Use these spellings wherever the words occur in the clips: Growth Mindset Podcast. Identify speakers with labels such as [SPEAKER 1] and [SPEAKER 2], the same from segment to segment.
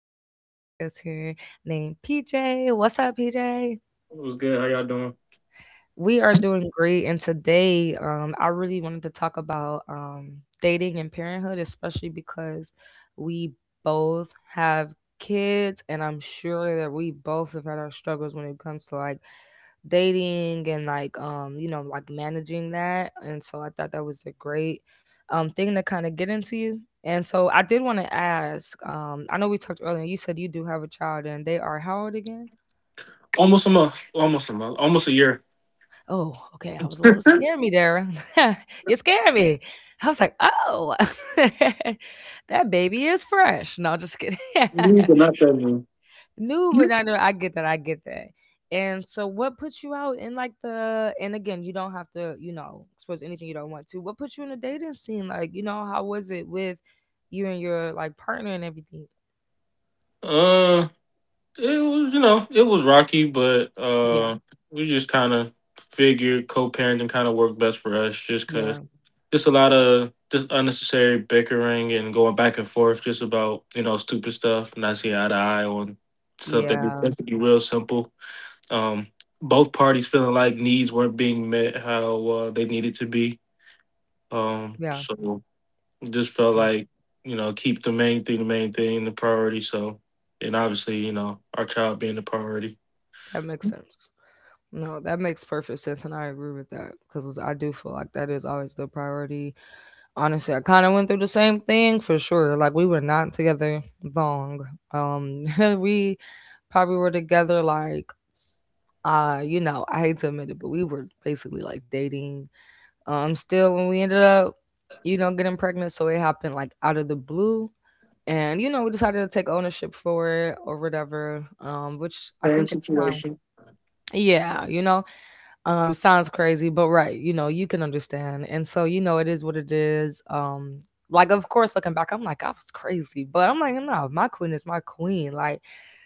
[SPEAKER 1] have an amazing guest here named PJ. What's up, PJ?
[SPEAKER 2] It was good. How y'all doing?
[SPEAKER 1] We are doing great. And today, I really wanted to talk about dating and parenthood, especially because we both have kids, and I'm sure that we both have had our struggles when it comes to like dating and like managing that, and so I thought that was a great thing to kind of get into. And so I did want to ask, I know we talked earlier, you said you do have a child, and they are how old again?
[SPEAKER 2] Almost a month. Almost a month. Almost a year.
[SPEAKER 1] Oh, okay, I was a little scared me there. You scared me. I was like, oh. That baby is fresh. No, just kidding.
[SPEAKER 2] We did not that long.
[SPEAKER 1] New, but not new. I get that. I get that. And so, what puts you out in like the? And again, you don't have to, you know, expose anything you don't want to. What put you in the dating scene? Like, you know, how was it with you and your like partner and everything?
[SPEAKER 2] Uh, it was you know it was rocky, but
[SPEAKER 1] Yeah,
[SPEAKER 2] we just kind of figured co-parenting kind of worked best for us, just
[SPEAKER 1] yeah,
[SPEAKER 2] cause just a lot of just unnecessary bickering and going back and forth just about you know stupid stuff, not seeing eye to eye on stuff that be
[SPEAKER 1] yeah,
[SPEAKER 2] supposed to be real simple. Um, Both parties feeling like needs weren't being met how they needed to be. Um,
[SPEAKER 1] yeah.
[SPEAKER 2] so it just felt
[SPEAKER 1] Yeah.
[SPEAKER 2] like, you know, keep the main thing the main thing, the priority. So, and obviously, you know, our child being the priority.
[SPEAKER 1] That makes sense. No, that makes perfect sense, and I agree with that because I do feel like that is always the priority. Honestly, I kind of went through the same thing for sure. Like we were not together long. Um, we probably were together like you know, I hate to admit it, but we were basically like dating. Still when we ended up, you know, getting pregnant, so it happened like out of the blue. And you know, we decided to take ownership for it or whatever. Which I
[SPEAKER 2] Same
[SPEAKER 1] think at the time,
[SPEAKER 2] situation.
[SPEAKER 1] yeah, you know, sounds crazy, but right, you know, you can understand. And so, you know, it is what it is. Like of course looking back, I'm like, I was crazy. But I'm like, no, my queen is my queen. Like,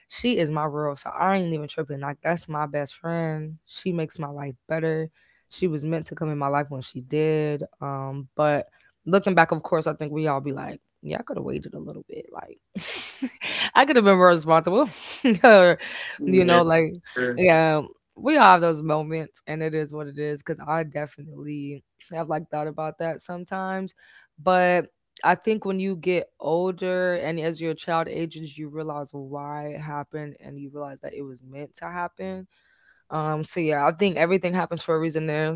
[SPEAKER 1] she is my world. So I ain't even tripping. Like, that's my best friend. She makes my life better. She was meant to come in my life when she did. But looking back, of course, I think we all be like, yeah, I could have waited a little bit. Like, I could have been more responsible. or, you
[SPEAKER 2] Yeah.
[SPEAKER 1] know, like, yeah, we all have those moments and it is what it is because I definitely have like thought about that sometimes. But I think when you get older and as your child ages, you realize why it happened and you realize that it was meant to happen. So yeah, I think everything happens for a reason there.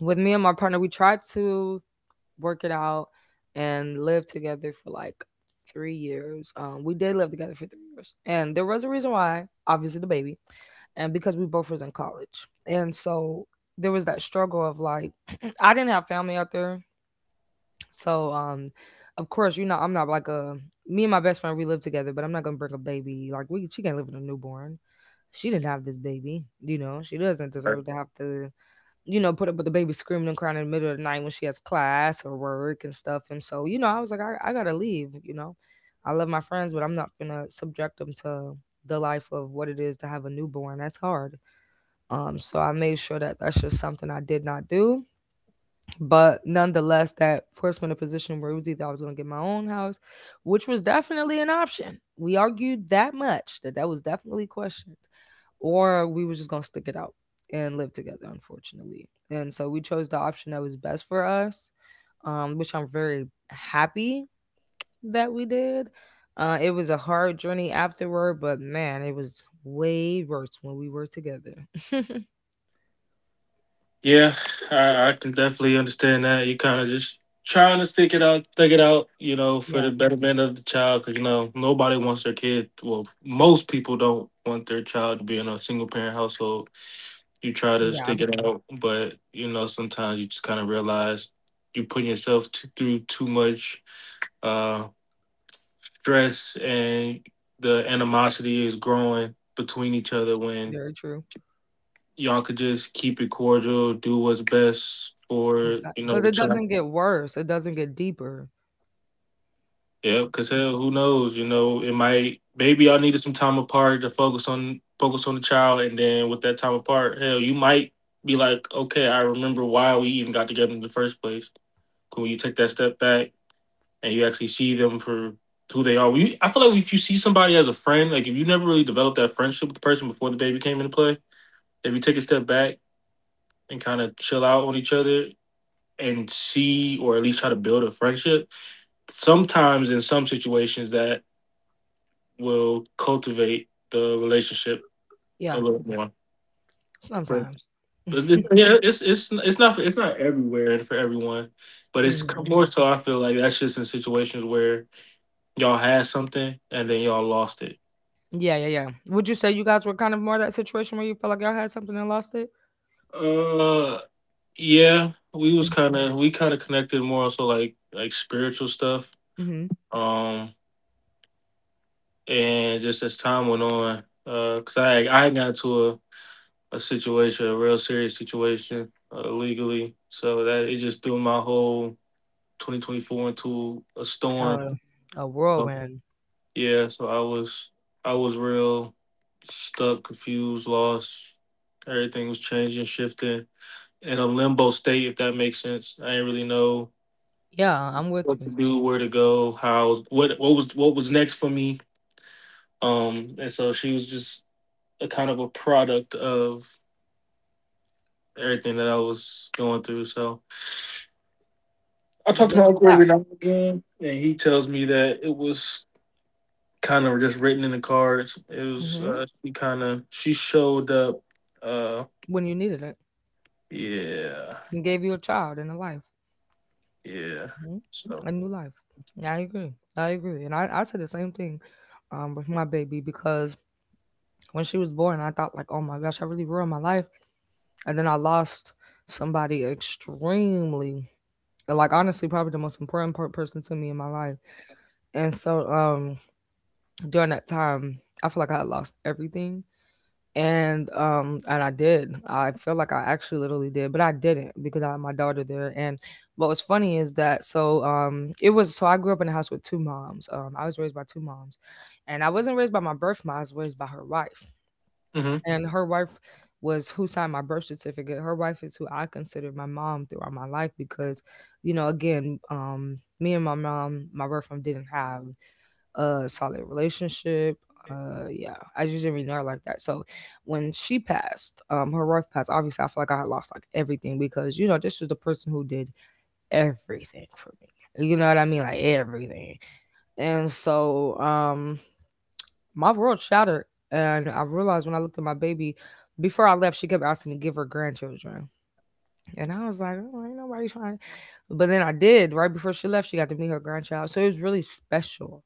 [SPEAKER 1] With me and my partner, we tried to work it out and live together for like 3 years. We did live together for 3 years, and there was a reason why, obviously the baby, and because we both was in college. And so there was that struggle of like I didn't have family out there. So of course, you know, I'm not like a, me and my best friend we live together, but I'm not gonna bring a baby, like we she can't live with a newborn. She didn't have this baby, you know, she doesn't deserve to have to, you know, put up with the baby screaming and crying in the middle of the night when she has class or work and stuff. And so you know I was like, I gotta leave, you know. I love my friends, but I'm not gonna subject them to the life of what it is to have a newborn. That's hard. So I made sure that that's just something I did not do. But nonetheless, that forced me in a position where it was either I was going to get my own house, which was definitely an option. We argued that much that that was definitely questioned, or we were just going to stick it out and live together, unfortunately. And so we chose the option that was best for us, which I'm very happy that we did. It was a hard journey afterward, but man, it was way worse when we were together.
[SPEAKER 2] Yeah, I can definitely understand that. You kind of just trying to stick it out, you know, for the
[SPEAKER 1] Yeah.
[SPEAKER 2] betterment of the child, because you know nobody wants their kid. Well, most people don't want their child to be in a single parent household. You try to
[SPEAKER 1] Yeah,
[SPEAKER 2] stick it out, but you know sometimes you just kind of realize you putting yourself through too much uh, stress, and the animosity is growing between each other when
[SPEAKER 1] very true.
[SPEAKER 2] y'all could just keep it cordial, do what's best for you know
[SPEAKER 1] Because
[SPEAKER 2] the
[SPEAKER 1] it
[SPEAKER 2] child.
[SPEAKER 1] doesn't get worse, it doesn't get deeper.
[SPEAKER 2] Yeah, because hell, who knows? You know, it might maybe y'all needed some time apart to focus on the child, and then with that time apart, hell, you might be like, okay, I remember why we even got together in the first place. 'Cause when you take that step back and you actually see them for who they are, we, I feel like if you see somebody as a friend, like if you never really developed that friendship with the person before the baby came into play, if you take a step back and kind of chill out on each other and see, or at least try to build a friendship, sometimes in some situations that will cultivate the relationship a
[SPEAKER 1] Yeah,
[SPEAKER 2] little more. But,
[SPEAKER 1] sometimes.
[SPEAKER 2] but yeah, it's not for, it's not everywhere and for everyone, but it's
[SPEAKER 1] Hmm.
[SPEAKER 2] more so. I feel like that's just in situations where y'all had something and then y'all lost it.
[SPEAKER 1] Yeah, yeah, yeah. Would you say you guys were kind of more that situation where you felt like y'all had something and lost it?
[SPEAKER 2] Uh, yeah, we kind of connected more also like spiritual stuff.
[SPEAKER 1] Mm-hmm.
[SPEAKER 2] Um, and just as time went on, cause I got into a situation, a real serious situation legally. So that it just threw my whole 2024 into a storm.
[SPEAKER 1] Uh, a
[SPEAKER 2] So,
[SPEAKER 1] whirlwind.
[SPEAKER 2] yeah, so I was real stuck, confused, lost. Everything was changing, shifting in a limbo state, if that makes sense. I didn't really know
[SPEAKER 1] Yeah, I'm with
[SPEAKER 2] what to
[SPEAKER 1] you.
[SPEAKER 2] do, where to go, how I was, what was next for me. And so she was just a kind of a product of everything that I was going through. So I
[SPEAKER 1] But
[SPEAKER 2] talk to
[SPEAKER 1] look
[SPEAKER 2] my uncle
[SPEAKER 1] at
[SPEAKER 2] every now and again, and he tells me that it was kind of just written in the cards. It
[SPEAKER 1] that.
[SPEAKER 2] was
[SPEAKER 1] Hmm.
[SPEAKER 2] she kind of she showed up. Uh,
[SPEAKER 1] When you needed it,
[SPEAKER 2] yeah,
[SPEAKER 1] and gave you a child and a life,
[SPEAKER 2] yeah.
[SPEAKER 1] hmm,
[SPEAKER 2] So,
[SPEAKER 1] a new life. Yeah, I agree. I agree. And I said the same thing, with my baby because when she was born, I thought like, oh my gosh, I really ruined my life. And then I lost somebody extremely, like honestly probably the most important person to me in my life. And so during that time, I feel like I had lost everything. And and I did. I feel like I actually literally did, but I didn't because I had my daughter there. And what was funny is that, so it was, so I grew up in a house with two moms. I was raised by two moms. And I wasn't raised by my birth mom, I was raised by her wife,
[SPEAKER 2] hmm
[SPEAKER 1] and her wife was who signed my birth certificate. Her wife is who I considered my mom throughout my life because, you know, again, me and my mom, my birth mom, didn't have a solid relationship. Yeah, I just didn't really know her like that. So when she passed, her wife passed. Obviously, I feel like I had lost like everything because you know this was the person who did everything for me. You know what I mean? Like everything. And so, my world shattered. And I realized when I looked at my baby, before I left, she kept asking me to give her grandchildren. And I was like, oh, ain't nobody trying. But then I did. Right before she left, she got to meet her grandchild. So it was really special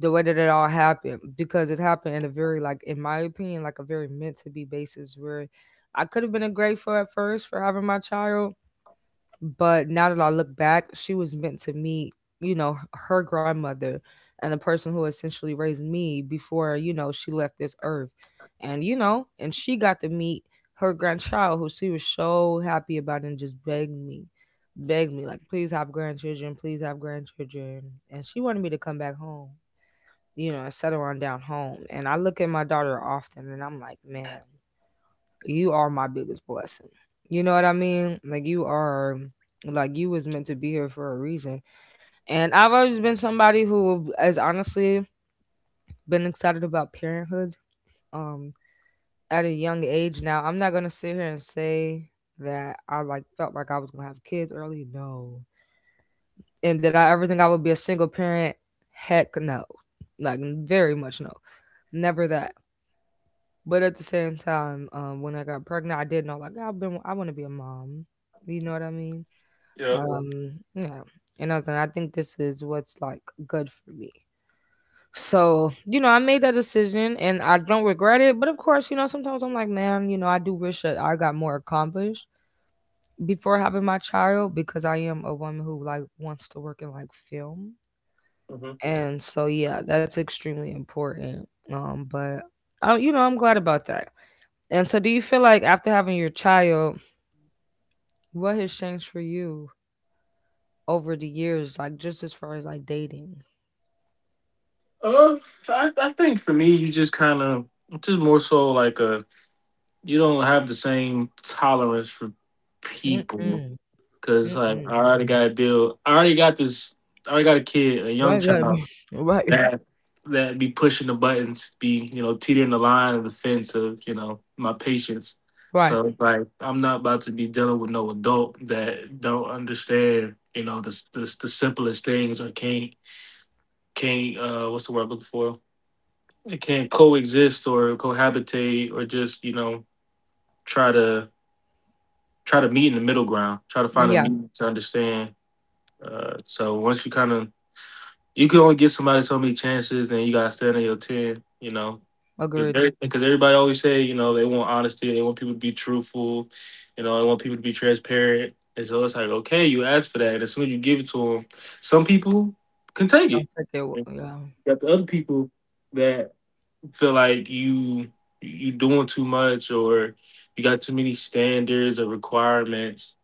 [SPEAKER 1] the way that it all happened, because it happened in a very, like, in my opinion, like a very meant to be basis, where I could have been ungrateful at first for having my child, but now that I look back, she was meant to meet, you know, her grandmother and the person who essentially raised me before, you know, she left this earth. And, you know, and she got to meet her grandchild who she was so happy about, and just begged me, like, please have grandchildren, please have grandchildren. And she wanted me to come back home, you know, and settle on down home. And I look at my daughter often and I'm like, man, you are my biggest blessing. You know what I mean? Like you are, like you was meant to be here for a reason. And I've always been somebody who has honestly been excited about parenthood um at a young age. Now, I'm not going to sit here and say that I like felt like I was going to have kids early. No. And did I ever think I would be a single parent? Heck no. Like very much no. Never that. But at the same time, when I got pregnant, I did know like I want to be a mom. You know what I mean?
[SPEAKER 2] yeah.
[SPEAKER 1] Cool. Yeah. And I was like, I think this is what's like good for me. So you know, I made that decision, and I don't regret it. But of course, you know, sometimes I'm like, man, you know, I do wish that I got more accomplished before having my child because I am a woman who like wants to work in like film,
[SPEAKER 2] Hmm.
[SPEAKER 1] and so yeah, that's extremely important. But you know, I'm glad about that. And so, do you feel like after having your child, what has changed for you over the years, like just as far as like dating?
[SPEAKER 2] Uh, I think for me, you just just more so like a you don't have the same tolerance for people
[SPEAKER 1] Mm-mm.
[SPEAKER 2] because like
[SPEAKER 1] Mm-mm.
[SPEAKER 2] I already got a deal. I already got this. I already got a kid, a young
[SPEAKER 1] Right, yeah,
[SPEAKER 2] child.
[SPEAKER 1] right,
[SPEAKER 2] That that be pushing the buttons, be you know teetering the line of the fence of you know my patience.
[SPEAKER 1] right.
[SPEAKER 2] So like I'm not about to be dealing with no adult that don't understand you know the simplest things or can't what's the word I'm looking for? It can't coexist or cohabitate or just you know try to try to meet in the middle ground, try to find a
[SPEAKER 1] Yeah,
[SPEAKER 2] meet to understand. So once you kind of you can only give somebody so many chances, then you gotta stand on your ten. You know,
[SPEAKER 1] agreed.
[SPEAKER 2] because everybody always say you know they want honesty, they want people to be truthful, you know, they want people to be transparent, and so it's like okay, you ask for that, and as soon as you give it to them, some people can take
[SPEAKER 1] Don't
[SPEAKER 2] it,
[SPEAKER 1] take it.
[SPEAKER 2] and
[SPEAKER 1] Yeah,
[SPEAKER 2] you got the other people that feel like you doing too much or you got too many standards or requirements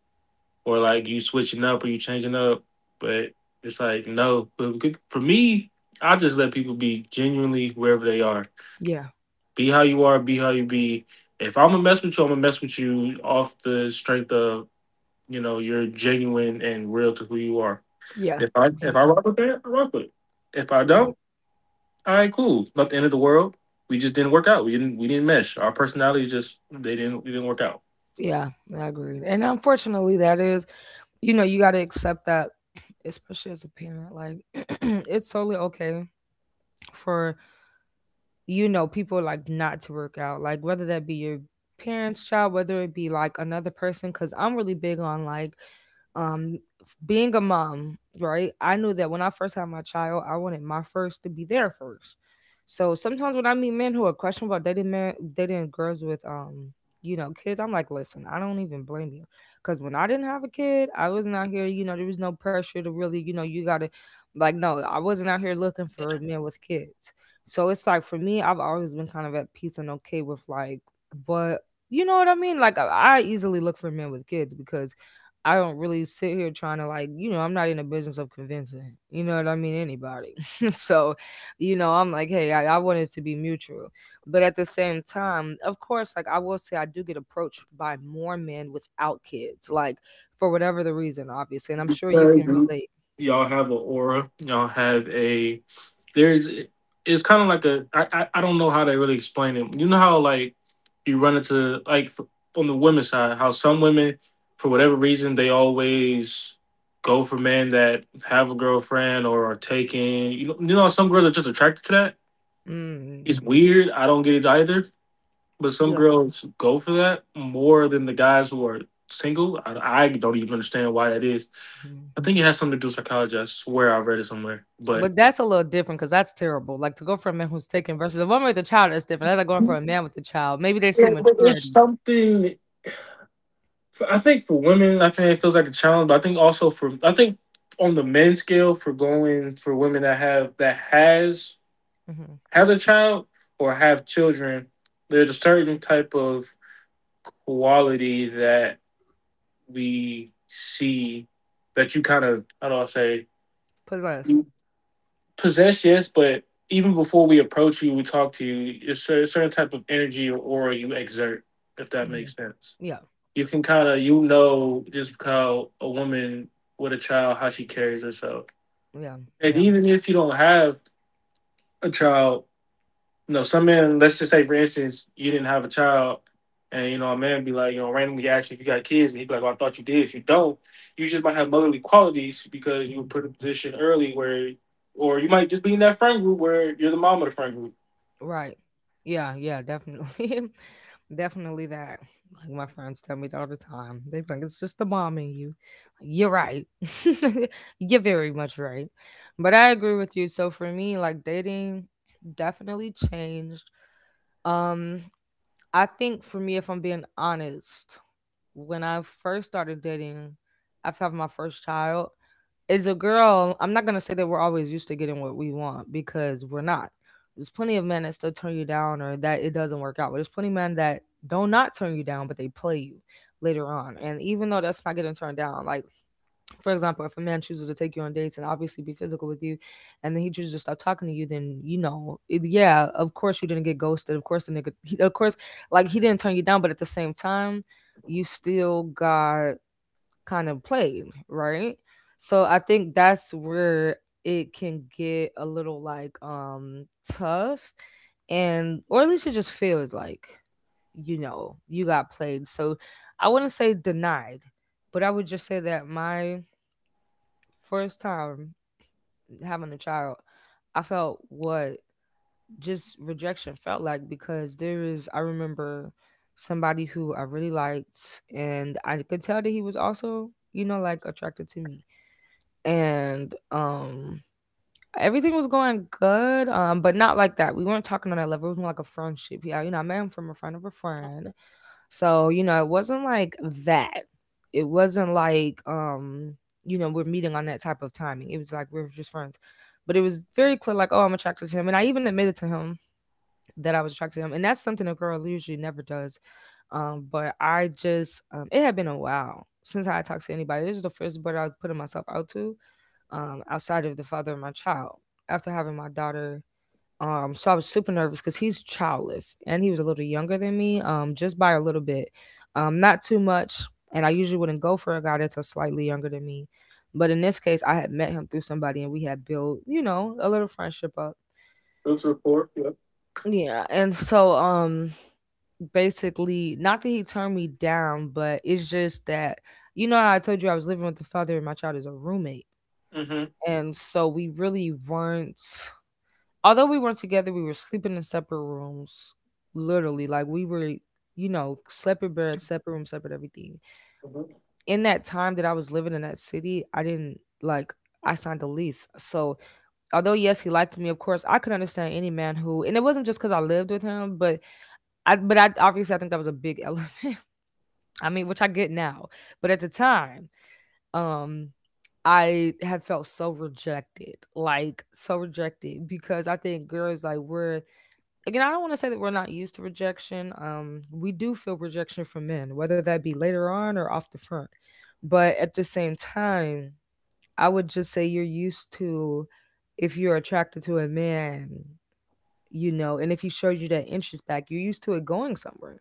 [SPEAKER 2] or like you switching up or you changing up. But it's like no. But for me, I just let people be genuinely wherever they are.
[SPEAKER 1] yeah,
[SPEAKER 2] Be how you are. Be how you be. If I'm gonna mess with you, I'm gonna mess with you off the strength of you know you're genuine and real to who you are.
[SPEAKER 1] yeah.
[SPEAKER 2] If I
[SPEAKER 1] Exactly,
[SPEAKER 2] rock with that, I rock with it. If I
[SPEAKER 1] exactly.
[SPEAKER 2] don't, all right, cool. Not the end of the world. We just didn't work out. We didn't mesh. Our personalities just they didn't we didn't work out.
[SPEAKER 1] Yeah, I agree. And unfortunately, that is, you know, you got to accept that, especially as a parent. Like, it's totally okay for people like not to work out, like whether that be your parents, child, whether it be like another person. Because I'm really big on, like, being a mom, right? I knew that when I first had my child, I wanted my first to be there first. So sometimes when I meet men who are questionable about dating girls with, kids, I'm like, listen, I don't even blame you. Because when I didn't have a kid, I wasn't out here, there was no pressure to really, you gotta like, no, I wasn't out here looking for men with kids. So it's like, for me, I've always been kind of at peace and okay with like, but you know what I mean? Like I easily look for men with kids. Because I don't really sit here trying to, like, you know, I'm not in the business of convincing, you know what I mean, anybody. So, you know, I'm like, hey, I want it to be mutual. But at the same time, of course, like I will say I do get approached by more men without kids, like for whatever the reason, obviously. And I'm sure you
[SPEAKER 2] Very
[SPEAKER 1] can
[SPEAKER 2] good.
[SPEAKER 1] relate.
[SPEAKER 2] Y'all have an aura. Y'all have a. There's. It's kind of like a. I don't know how to really explain it. You know how like you run into like f on the women's side how some women for whatever reason they always go for men that have a girlfriend or are taking. You know how some girls are just attracted to that. It's
[SPEAKER 1] Mm,
[SPEAKER 2] weird. I don't get it either. But some
[SPEAKER 1] yeah.
[SPEAKER 2] girls go for that more than the guys who are single. I don't even understand why that is.
[SPEAKER 1] Mm-hmm.
[SPEAKER 2] I think it has something to do with psychology. I swear I read it somewhere. But
[SPEAKER 1] But that's a little different, because that's terrible. Like, to go for a man who's taken versus a woman with a child is different. That's like going for a man with a child. Maybe they see
[SPEAKER 2] yeah, but it's
[SPEAKER 1] maturity,
[SPEAKER 2] something. I think for women, I think it feels like a challenge. But I think also for I think on the men's scale for going for women that have that has
[SPEAKER 1] hmm,
[SPEAKER 2] a child or have children, there's a certain type of quality that we see that you kind of how do I say
[SPEAKER 1] possess.
[SPEAKER 2] you possess. Yes, but even before we approach you we talk to you it's a certain type of energy or aura you exert, if that
[SPEAKER 1] Hmm.
[SPEAKER 2] makes sense.
[SPEAKER 1] Yeah,
[SPEAKER 2] You can kind of you know just how a woman with a child how she carries herself,
[SPEAKER 1] yeah,
[SPEAKER 2] and
[SPEAKER 1] yeah.
[SPEAKER 2] even if you don't have a child, you know, some men, let's just say for instance, you didn't have a child and you know, a man be like, you know, randomly ask you if you got kids and he'd be like, well, I thought you did. If you don't, you just might have motherly qualities because you were
[SPEAKER 1] Hmm.
[SPEAKER 2] put in a position early where or you might just be in that friend group where you're the mom of the friend group.
[SPEAKER 1] Right. Yeah, yeah, definitely. Definitely that. Like my friends tell me that all the time. They think it's just the mom in you. You're right. You're very much right. But I agree with you. So for me, like, dating definitely changed. Um, I think for me, if I'm being honest, when I first started dating after having my first child, as a girl, I'm not gonna say that we're always used to getting what we want, because we're not. There's plenty of men that still turn you down or that it doesn't work out. But there's plenty of men that do not turn you down, but they play you later on. And even though that's not getting turned down, like, for example, if a man chooses to take you on dates and obviously be physical with you, and then he chooses to stop talking to you, then, you know, it, yeah, of course you didn't get ghosted. Of course the nigga, he, of course, like he didn't turn you down, but at the same time, you still got kind of played, right? So I think that's where it can get a little, like, tough, and or at least it just feels like you know you got played. So I wouldn't say denied, but I would just say that my first time having a child, I felt what just rejection felt like. Because there is, I remember somebody who I really liked, and I could tell that he was also, you know, like, attracted to me. And everything was going good, but not like that. We weren't talking on that level. It was more like a friendship. Yeah, you know, I met him from a friend of a friend. So, you know, it wasn't like that. It wasn't like, you know, we're meeting on that type of timing. It was like we are just friends. But it was very clear, like, oh, I'm attracted to him. And I even admitted to him that I was attracted to him. And that's something a girl usually never does. But I just it had been a while since I had talked to anybody. This is the first boy I was putting myself out to, outside of the father of my child. After having my daughter, so I was super nervous because he's childless, and he was a little younger than me, just by a little bit, not too much. And I usually wouldn't go for a guy that's a slightly younger than me, but in this case, I had met him through somebody and we had built, you know, a little friendship up.
[SPEAKER 2] That's a report, yeah.
[SPEAKER 1] Yeah, and so basically, not that he turned me down, but it's just that, you know, how I told you I was living with the father and my child is a roommate,
[SPEAKER 2] Mm-hmm.
[SPEAKER 1] and so we really weren't although we weren't together, we were sleeping in separate rooms. Literally, like we were, you know, slept in bed, separate room, separate everything. In that time that I was living in that city, I didn't like I signed a lease. So although yes, he liked me, of course, I could understand any man who and it wasn't just because I lived with him, but I obviously I think that was a big element. I mean, which I get now. But at the time, um, I had felt so rejected, like so rejected, because I think girls, like, we're again, I don't want to say that we're not used to rejection. We do feel rejection from men, whether that be later on or off the front. But at the same time, I would just say you're used to if you're attracted to a man, you know, and if he showed you that interest back, you're used to it going somewhere.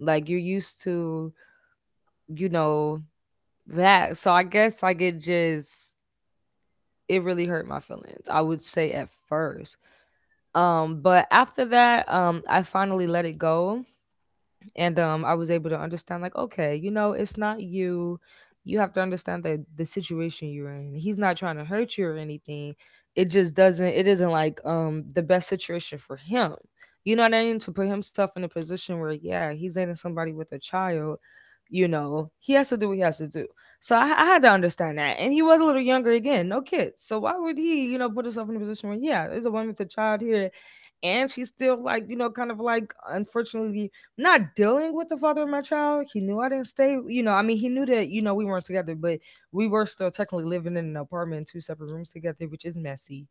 [SPEAKER 1] Like you're used to, you know, that. So I guess, like, it just it really hurt my feelings, I would say at first. But after that, I finally let it go. And I was able to understand, like, okay, you know, it's not you. You have to understand that the situation you're in, he's not trying to hurt you or anything. It just doesn't it isn't like, the best situation for him, you know what I mean, to put himself in a position where, yeah, he's dating somebody with a child. You know, he has to do what he has to do. So I had to understand that. And he was a little younger, again, no kids, so why would he, you know, put himself in a position where, yeah, there's a woman with a child here, and she's still, like, you know, kind of like, unfortunately, not dealing with the father of my child. He knew I didn't stay, you know, I mean, he knew that, you know, we weren't together, but we were still technically living in an apartment, two separate rooms together, which is messy.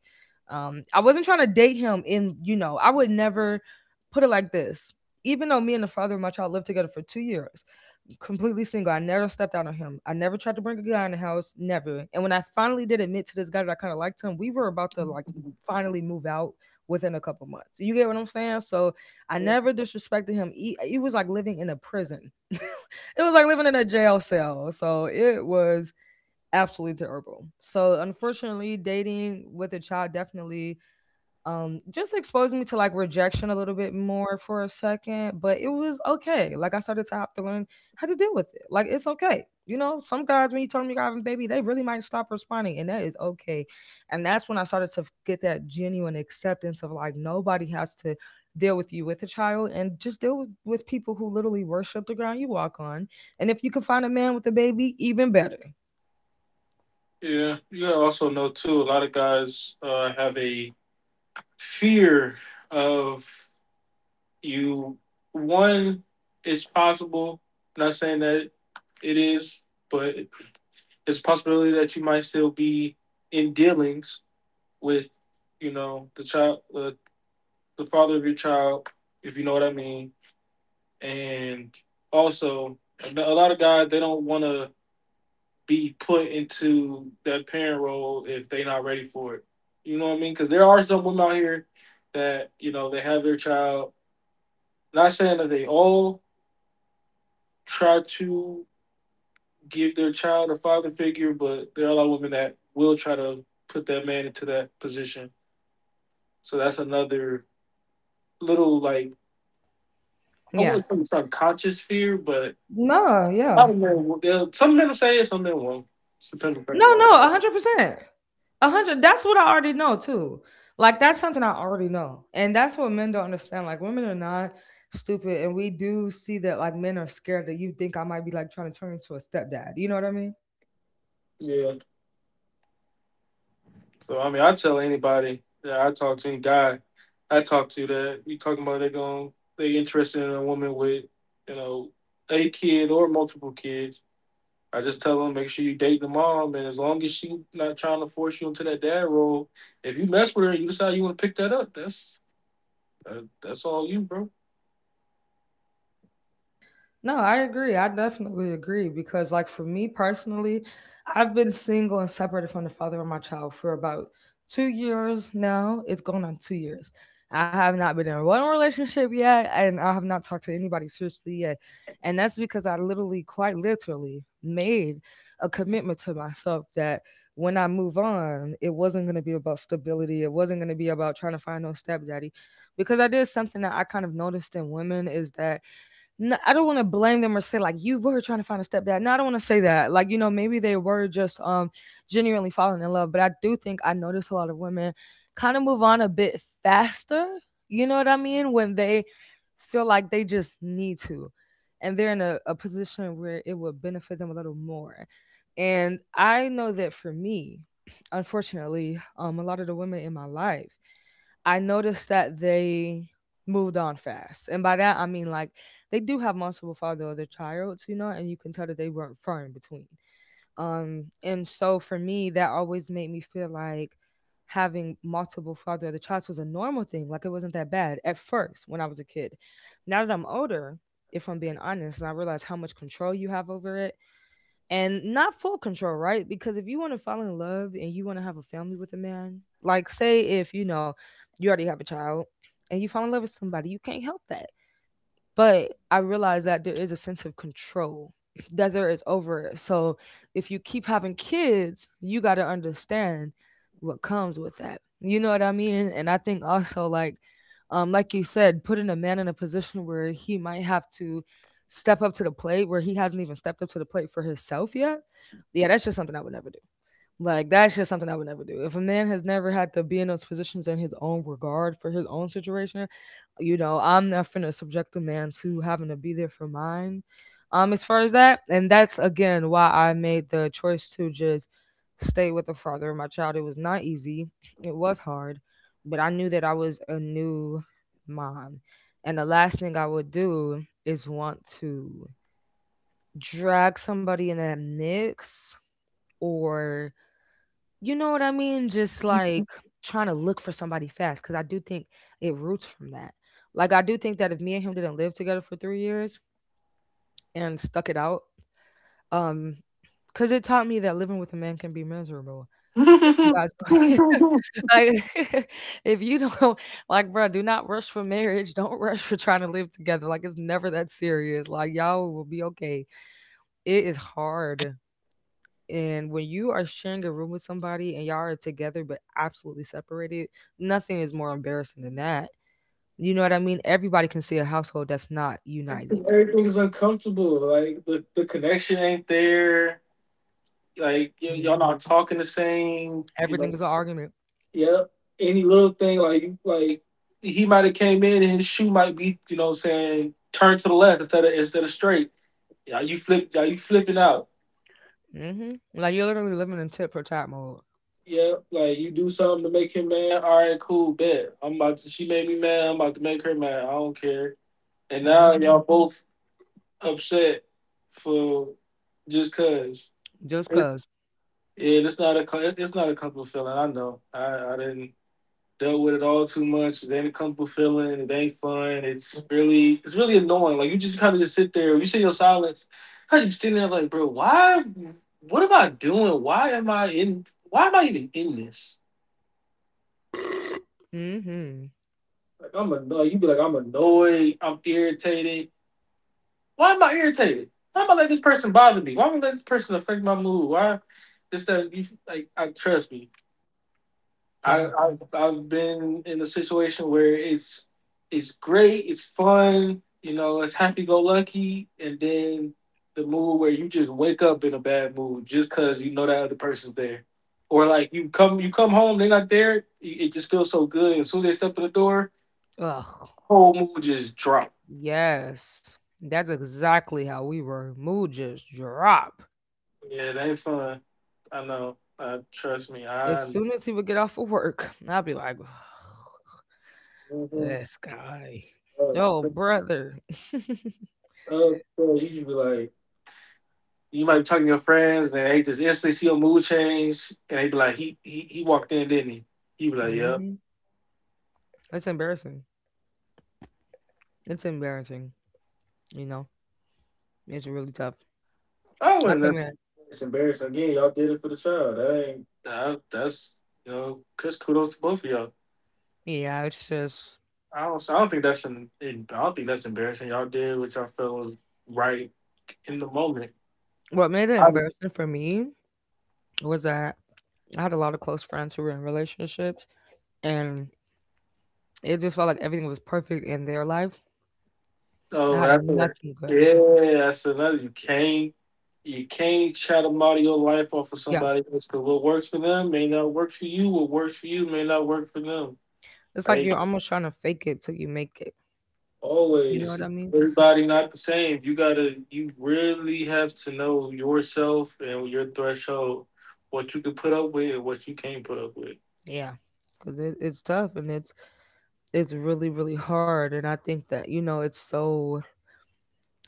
[SPEAKER 1] I wasn't trying to date him in, you know, I would never put it like this. Even though me and the father of my child lived together for 2 years, completely single. I never stepped out on him. I never tried to bring a guy in the house, never. And when I finally did admit to this guy that I kind of liked him, we were about to like finally move out within a couple months. You get what I'm saying? So I never disrespected him. He, it was like living in a prison. It was like living in a jail cell. So it was absolutely terrible. So unfortunately, dating with a child definitely just exposed me to like rejection a little bit more for a second. But it was okay, like I started to have to learn how to deal with it, like it's okay. You know, some guys when you tell them you're having a baby, they really might stop responding, and that is okay. And that's when I started to get that genuine acceptance of like, nobody has to deal with you with a child, and just deal with people who literally worship the ground you walk on. And if you can find a man with a baby, even better.
[SPEAKER 2] Yeah. You gotta also know too, a lot of guys have a fear of you, one, it's possible, not saying that it is, but it's a possibility that you might still be in dealings with, you know, the child, the father of your child, if you know what I mean. And also, a lot of guys they don't want to be put into that parent role if they're not ready for it. You know what I mean? Because there are some women out here that you know they have their child. Not saying that they all try to give their child a father figure, but there are a lot of women that will try to put that man into that position. So that's another little like I
[SPEAKER 1] Yeah.
[SPEAKER 2] wouldn't say subconscious fear, but
[SPEAKER 1] No,
[SPEAKER 2] I
[SPEAKER 1] yeah.
[SPEAKER 2] don't know. They'll- Some men will say it, some men won't. Just depends on the
[SPEAKER 1] No,
[SPEAKER 2] guy.
[SPEAKER 1] no, 100%. A hundred. That's what I already know too. Like that's something I already know, and that's what men don't understand. Like, women are not stupid, and we do see that, like, men are scared that you think I might be like trying to turn into a stepdad. You know what I mean?
[SPEAKER 2] Yeah. So I mean, I tell anybody that I talk to, any guy I talk to, that you talking about they going they interested in a woman with you know a kid or multiple kids. I just tell them make sure you date the mom, and as long as she not trying to force you into that dad role, if you mess with her and you decide you want to pick that up, that, that's all you, bro.
[SPEAKER 1] No, I agree. I definitely agree because, like, for me personally, I've been single and separated from the father of my child for about 2 years now. It's going on 2 years. I have not been in one relationship yet, and I have not talked to anybody seriously yet. And that's because I literally, quite literally, made a commitment to myself that when I move on, it wasn't going to be about stability. It wasn't going to be about trying to find no stepdaddy. Because I did something that I kind of noticed in women is that no, I don't want to blame them or say, like, you were trying to find a stepdad. No, I don't want to say that. Like, you know, maybe they were just genuinely falling in love. But I do think I notice a lot of women kind of move on a bit faster. You know what I mean? When they feel like they just need to, and they're in a position where it would benefit them a little more. And I know that for me, unfortunately, a lot of the women in my life I noticed that they moved on fast. And by that, I mean like they do have multiple father other childs, you know, and you can tell that they weren't far in between. And so for me, that always made me feel like having multiple father other childs was a normal thing. Like it wasn't that bad at first when I was a kid. Now that I'm older, if I'm being honest, and I realize how much control you have over it, and not full control, right? Because if you want to fall in love and you want to have a family with a man, like say if you know you already have a child and you fall in love with somebody, you can't help that. But I realize that there is a sense of control that there is over it. So if you keep having kids, you got to understand what comes with that. You know what I mean? And I think also like you said, putting a man in a position where he might have to step up to the plate where he hasn't even stepped up to the plate for himself yet. Yeah, that's just something I would never do. Like that's just something I would never do. If a man has never had to be in those positions in his own regard for his own situation, you know, I'm not finna subject a man to having to be there for mine. As far as that, and that's again why I made the choice to just stay with the father of my child. It was not easy. It was hard, but I knew that I was a new mom. And the last thing I would do is want to drag somebody in that mix or you know what I mean? Just like trying to look for somebody fast because I do think it roots from that. Like I do think that if me and him didn't live together for 3 years and stuck it out, um, because it taught me that living with a man can be miserable. If you
[SPEAKER 2] Everything's
[SPEAKER 1] guys like, if you don't like, bro, do not rush for marriage. Don't rush for trying to live together. Like it's never that serious. Like y'all will be okay. It is hard. And when you are sharing a room with somebody and y'all are together but absolutely separated, nothing is more embarrassing than that. You know what I mean? Everybody can see a household that's not united.
[SPEAKER 2] uncomfortable. Like the connection ain't there. Like
[SPEAKER 1] hmm
[SPEAKER 2] y'all not talking the same. You
[SPEAKER 1] Everything
[SPEAKER 2] know.
[SPEAKER 1] is an argument.
[SPEAKER 2] Yep. Any little thing like he might have came in and his shoe might be you know what I'm saying turn to the left instead of straight. Yeah, you flip. Yeah, you flipping out.
[SPEAKER 1] Like you're literally living in tit for tat mode.
[SPEAKER 2] Yeah, like you do something to make him mad. All right, cool, bet. I'm about to. She made me mad. I'm about to make her mad. I don't care. And now
[SPEAKER 1] hmm
[SPEAKER 2] y'all both upset for just cause.
[SPEAKER 1] Just
[SPEAKER 2] It,
[SPEAKER 1] because.
[SPEAKER 2] yeah, it's not a co- it- it's not a comfortable feeling. I know. I didn't dealt with it all too much. It ain't a comfortable feeling. It ain't fun. It's really annoying. Like you just kind of just sit there. You sit in your silence. How you sitting there like, bro? Why? What am I doing? Why am I in? Why am I even in this?
[SPEAKER 1] hmm
[SPEAKER 2] Like I'm annoyed. You be like, I'm annoyed. I'm irritated. Why am I irritated? Why am I let this person bother me? Why am I let this person affect my mood? Why this that you like? I trust me.
[SPEAKER 1] Yeah.
[SPEAKER 2] I've been in a situation where it's great, it's fun, you know, it's happy go lucky, and then the mood where you just wake up in a bad mood just because you know that other person's there, or like you come home, they're not there. It just feels so good. As soon as they step in the door,
[SPEAKER 1] Ugh.
[SPEAKER 2] whole mood just drop.
[SPEAKER 1] Yes. That's exactly how we were. Mood just drop.
[SPEAKER 2] Yeah, it ain't fun. I know. Trust me,
[SPEAKER 1] As
[SPEAKER 2] I
[SPEAKER 1] soon as he would get off of work, I'd be like,
[SPEAKER 2] mhm.
[SPEAKER 1] this guy.
[SPEAKER 2] Uh,
[SPEAKER 1] Oh
[SPEAKER 2] uh,
[SPEAKER 1] brother.
[SPEAKER 2] bro, you should be like, you might be talking to your friends, and they just instantly see your mood change, and they be like, he walked in, didn't he? He be like, yeah.
[SPEAKER 1] hmm It's embarrassing. It's embarrassing. You know, it's really tough.
[SPEAKER 2] I
[SPEAKER 1] I
[SPEAKER 2] wasn't.
[SPEAKER 1] come
[SPEAKER 2] That—
[SPEAKER 1] in.
[SPEAKER 2] it's embarrassing. Again, y'all did it for the child. That ain't. That's you know, cause kudos to both of y'all.
[SPEAKER 1] Yeah, it's just
[SPEAKER 2] I don't. I don't think that's an. I don't think that's embarrassing. Y'all did what y'all felt was right in the moment.
[SPEAKER 1] what made it embarrassing for me was that I had a lot of close friends who were in relationships, and it just felt like everything was perfect in their life. I
[SPEAKER 2] Oh,
[SPEAKER 1] had
[SPEAKER 2] after
[SPEAKER 1] nothing good.
[SPEAKER 2] yeah, that's another. You can't try to model your life off of
[SPEAKER 1] Yeah,
[SPEAKER 2] somebody else because what works for them may not work for you. What works for you may not work for them.
[SPEAKER 1] it's like
[SPEAKER 2] Right?
[SPEAKER 1] you're almost trying to fake it till you make it. You know
[SPEAKER 2] Always.
[SPEAKER 1] what I mean?
[SPEAKER 2] Everybody not the same. You really have to know yourself and your threshold, what you can put up with and what you can't put up with.
[SPEAKER 1] Yeah, because it's tough and it's really really hard. And I think that you know it's so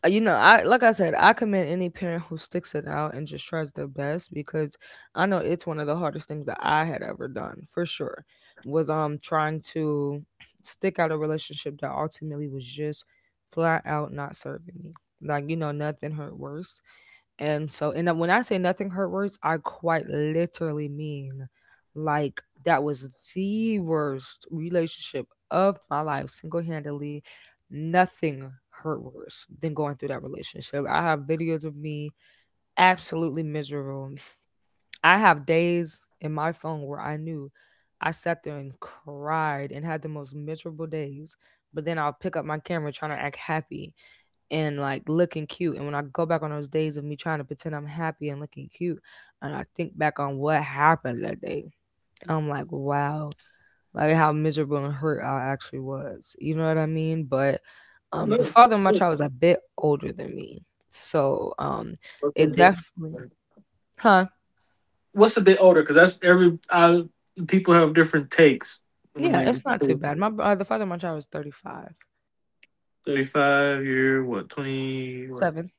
[SPEAKER 1] you know, I like I said, I commend any parent who sticks it out and just tries their best because I know it's one of the hardest things that I had ever done for sure was trying to stick out a relationship that ultimately was just flat out not serving me. Like you know, nothing hurt worse and so, and then when I say nothing hurt worse, I quite literally mean like that was the worst relationship of my life, single handedly. Nothing hurt worse than going through that relationship. I have videos of me absolutely miserable. I have days in my phone where I knew I sat there and cried and had the most miserable days, but then I'll pick up my camera trying to act happy and like looking cute. And when I go back on those days of me trying to pretend I'm happy and looking cute, and I think back on what happened that day, I'm like, wow, like how miserable and hurt I actually was. You know what I mean? But
[SPEAKER 2] I
[SPEAKER 1] the
[SPEAKER 2] know.
[SPEAKER 1] father of my child was a bit older than me, so
[SPEAKER 2] What's a
[SPEAKER 1] it
[SPEAKER 2] bit
[SPEAKER 1] definitely, huh?
[SPEAKER 2] what's a bit older? Because that's every I, people have different takes when
[SPEAKER 1] Yeah, it's not
[SPEAKER 2] they.
[SPEAKER 1] too bad. My the father of my child was 35,
[SPEAKER 2] 35, you're what, 20, what,
[SPEAKER 1] seven.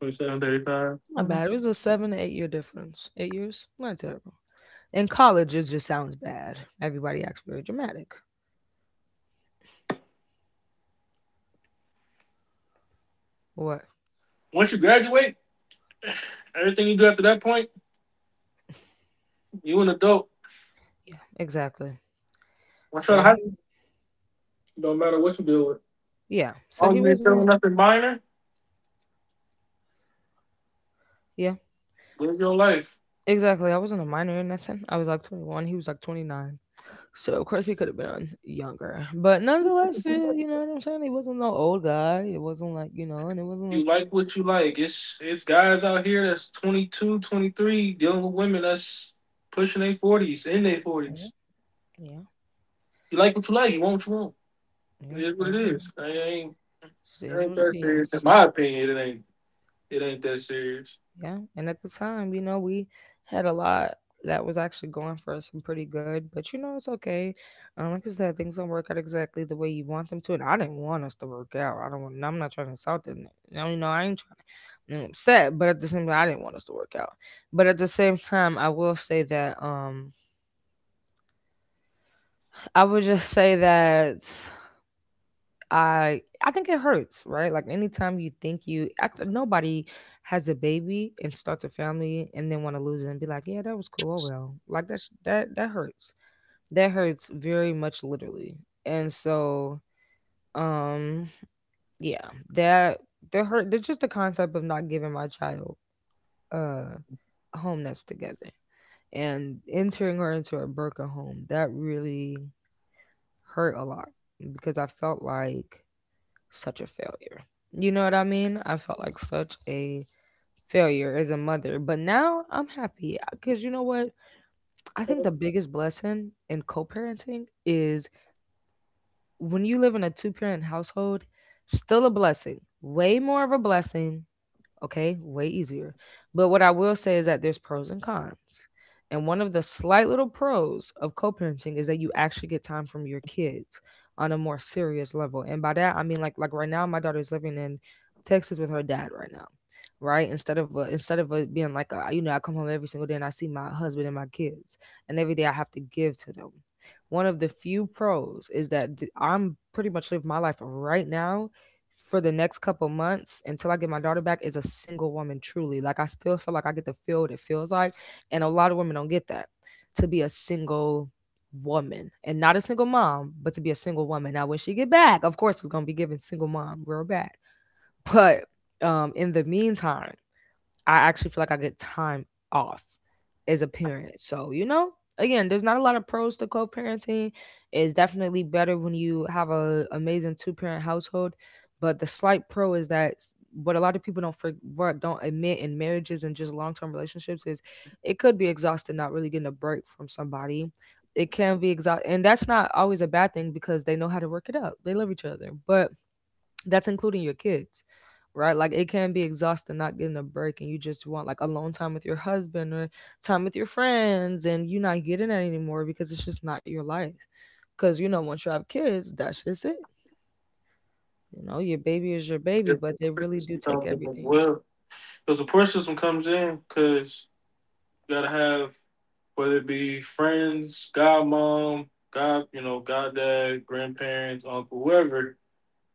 [SPEAKER 2] 27, 35?
[SPEAKER 1] Not bad. It was a 7 to 8 year difference. 8 years, not terrible. In college, it just sounds bad. Everybody acts very dramatic. What?
[SPEAKER 2] Once you graduate, everything you do after that point, you an adult.
[SPEAKER 1] Yeah, exactly.
[SPEAKER 2] Once you're
[SPEAKER 1] So
[SPEAKER 2] out of high
[SPEAKER 1] he,
[SPEAKER 2] school, don't matter what you deal with.
[SPEAKER 1] yeah, so
[SPEAKER 2] All
[SPEAKER 1] he
[SPEAKER 2] as you're
[SPEAKER 1] wasn't,
[SPEAKER 2] doing nothing minor,
[SPEAKER 1] yeah,
[SPEAKER 2] live your life.
[SPEAKER 1] exactly. I wasn't a minor in that sense. I was like 21, he was like 29. So, of course, he could have been younger. But nonetheless, eh, you know what I'm saying? He wasn't no old guy. It wasn't like, you know, and it wasn't like,
[SPEAKER 2] You like what you like. It's guys out here that's 22, 23 dealing with women that's pushing their 40s, in their
[SPEAKER 1] yeah,
[SPEAKER 2] 40s.
[SPEAKER 1] yeah,
[SPEAKER 2] You like what you like, you want what you want. It
[SPEAKER 1] yeah,
[SPEAKER 2] is what it is.
[SPEAKER 1] everything
[SPEAKER 2] I ain't,
[SPEAKER 1] just
[SPEAKER 2] it
[SPEAKER 1] is
[SPEAKER 2] ain't
[SPEAKER 1] what
[SPEAKER 2] that
[SPEAKER 1] it
[SPEAKER 2] serious. In
[SPEAKER 1] is.
[SPEAKER 2] my opinion, it ain't that serious.
[SPEAKER 1] Yeah, and at the time, you know, we had a lot that was actually going for us and pretty good, but you know, it's okay. Like I said, things don't work out exactly the way you want them to, and I didn't want us to work out. I don't want. I'm not trying to insult them. Now, you know, I ain't trying to I'm upset, but at the same time, I didn't want us to work out. But at the same time, I will say that I would just say that. I think it hurts, right? Like anytime you think you nobody has a baby and starts a family and then want to lose it and be like, yeah, that was cool. Oh well, like that that hurts. That hurts very much, literally. And so, um, yeah, that the hurt. There's just the concept of not giving my child uh a home that's together and entering her into a broken home that really hurt a lot because I felt like such a failure. You know what I mean? I felt like such a failure as a mother, but now I'm happy because you know what? I think the biggest blessing in co parenting is when you live in a two parent household, still a blessing, way more of a blessing. Okay, way easier. But what I will say is that there's pros and cons. And one of the slight little pros of co parenting is that you actually get time from your kids on a more serious level. And by that, I mean like right now, my daughter's living in Texas with her dad right now, right? Instead of it being like a, you know I come home every single day and I see my husband and my kids, and every day I have to give to them. One of the few pros is that I'm pretty much live my life right now for the next couple months until I get my daughter back is a single woman truly. Like I still feel like I get to feel what it feels like. And a lot of women don't get that. To be a single woman and not a single mom, but to be a single woman. Now when she get back, of course it's gonna be given single mom real bad. But in the meantime, I actually feel like I get time off as a parent. So, you know, again, there's not a lot of pros to co-parenting. It's definitely better when you have a amazing two-parent household, but the slight pro is that what a lot of people don't for, what don't admit in marriages and just long-term relationships is it could be exhausting not really getting a break from somebody. It can be exhausting, and that's not always a bad thing because they know how to work it out. They love each other, but that's including your kids, right? Like it can be exhausting not getting a break and you just want like alone time with your husband or time with your friends and you're not getting that anymore because it's just not your life. Because, you know, once you have kids, that's just it. You know, your baby is your baby,
[SPEAKER 2] There's
[SPEAKER 1] but
[SPEAKER 2] a
[SPEAKER 1] they
[SPEAKER 2] poor
[SPEAKER 1] really do
[SPEAKER 2] system
[SPEAKER 1] take
[SPEAKER 2] comes in as
[SPEAKER 1] everything.
[SPEAKER 2] well. Because the support system comes in because you gotta have whether it be friends, godmom, god, you know, goddad, grandparents, uncle, whoever.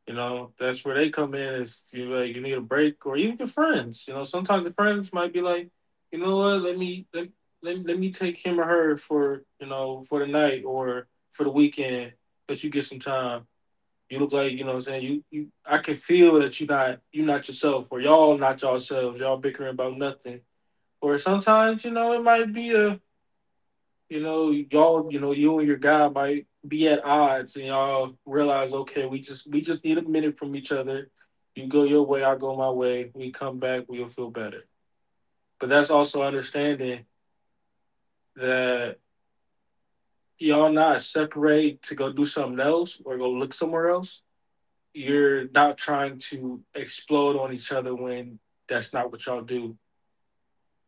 [SPEAKER 2] You know, that's where they come in if you like you need a break or even your friends. You know, sometimes the friends might be like, you know what, let me take him or her for you know for the night or for the weekend, let you get some time you look like, you know what I'm saying? You I can feel that you not yourself or y'all not yourselves, y'all bickering about nothing. Or sometimes, you know, it might be a you know, y'all, you know, you and your guy might be at odds and y'all realize, okay, we just need a minute from each other. You go your way, I go my way, we come back, we'll feel better. But that's also understanding that y'all not separate to go do something else or go look somewhere else you're not trying to explode on each other when that's not what y'all do.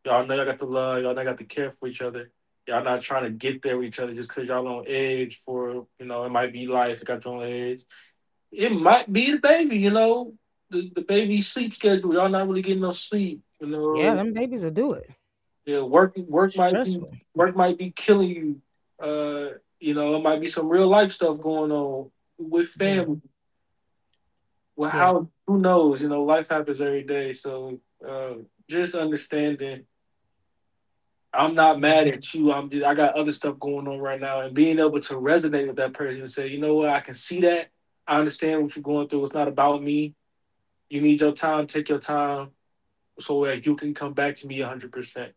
[SPEAKER 2] Y'all know y'all got the love, y'all know y'all got the care for each other. Y'all not trying to get there with each other just because y'all on edge for, you know, it might be life, it got you on edge. It might be the baby, you know, the baby sleep schedule. Y'all not really getting no sleep, you
[SPEAKER 1] Yeah,
[SPEAKER 2] know.
[SPEAKER 1] them babies will do it.
[SPEAKER 2] Yeah,
[SPEAKER 1] Stressful.
[SPEAKER 2] work might be killing you. You know, it might be some real life stuff going on with
[SPEAKER 1] Yeah,
[SPEAKER 2] family. Well,
[SPEAKER 1] yeah,
[SPEAKER 2] how who knows? You know, life happens every day. So uh, just understanding, I'm not
[SPEAKER 1] yeah.
[SPEAKER 2] mad at you. I'm just I got other stuff going on right now, and being able to resonate with that person and say, you know what, I can see that. I understand what you're going through. It's not about me. You need your time. Take your time so that you can come back to me 100. Percent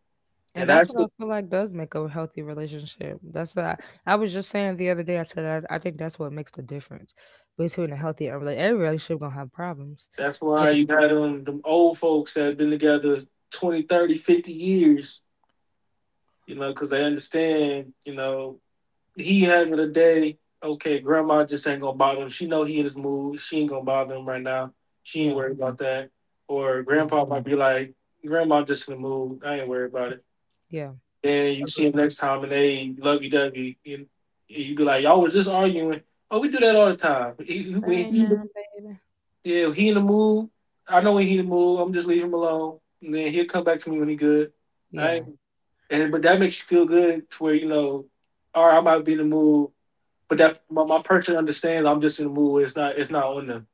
[SPEAKER 1] And
[SPEAKER 2] And
[SPEAKER 1] that's
[SPEAKER 2] that's
[SPEAKER 1] what I feel like does make a healthy relationship. That's I was just saying the other day. I said I think that's what makes the difference between a healthy and every relationship gonna have problems,
[SPEAKER 2] that's
[SPEAKER 1] but
[SPEAKER 2] why
[SPEAKER 1] the,
[SPEAKER 2] you got them old folks that have been together 20, 30, 50 years. You know, because they understand. You know he having a day. Okay, grandma just ain't gonna bother him. She know he in his mood. She ain't gonna bother him right now. She ain't
[SPEAKER 1] yeah,
[SPEAKER 2] worried about that. Or
[SPEAKER 1] yeah,
[SPEAKER 2] grandpa might be like, grandma just in the mood. I ain't worried about it.
[SPEAKER 1] yeah,
[SPEAKER 2] Then you see
[SPEAKER 1] agree.
[SPEAKER 2] him next time and they lovey dovey. And you be like, y'all was just arguing. Oh, we do that all the time. He,
[SPEAKER 1] That
[SPEAKER 2] when
[SPEAKER 1] ain't
[SPEAKER 2] he,
[SPEAKER 1] now, baby.
[SPEAKER 2] yeah, he in the mood. I know when he in the mood. I'm just leaving him alone. And then he'll come back to me when he good. I
[SPEAKER 1] Yeah,
[SPEAKER 2] ain't, and but that makes you feel good to where you know, all right, I might be in the mood but that my person understands. I'm just in the mood. Where it's not. It's not on them.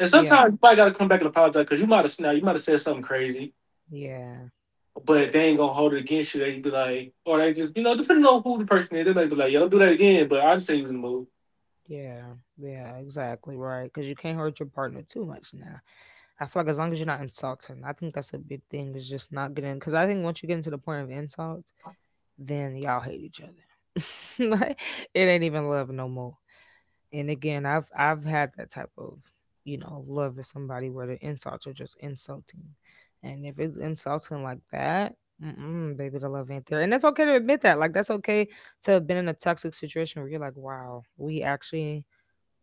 [SPEAKER 2] And
[SPEAKER 1] yeah,
[SPEAKER 2] sometimes you probably gotta come back and apologize because you might have now you might have said something crazy,
[SPEAKER 1] yeah,
[SPEAKER 2] but they ain't gonna hold it against you. They just be like, or they just you know depending on who the person is, they might be like, yo, don't do that again. But I just say you was in the mood.
[SPEAKER 1] yeah, yeah. Exactly right. Because you can't hurt your partner too much now. I feel like as long as you're not insulting, I think that's a big thing. Is just not getting because I think once you get into the point of insult. Then y'all hate each other. It ain't even love no more. And again, I've had that type of love with somebody where the insults are just insulting, and if it's insulting like that. Mm-mm, baby, the love ain't there, and that's okay to admit that. Like that's okay to have been in a toxic situation where you're like, "Wow, we actually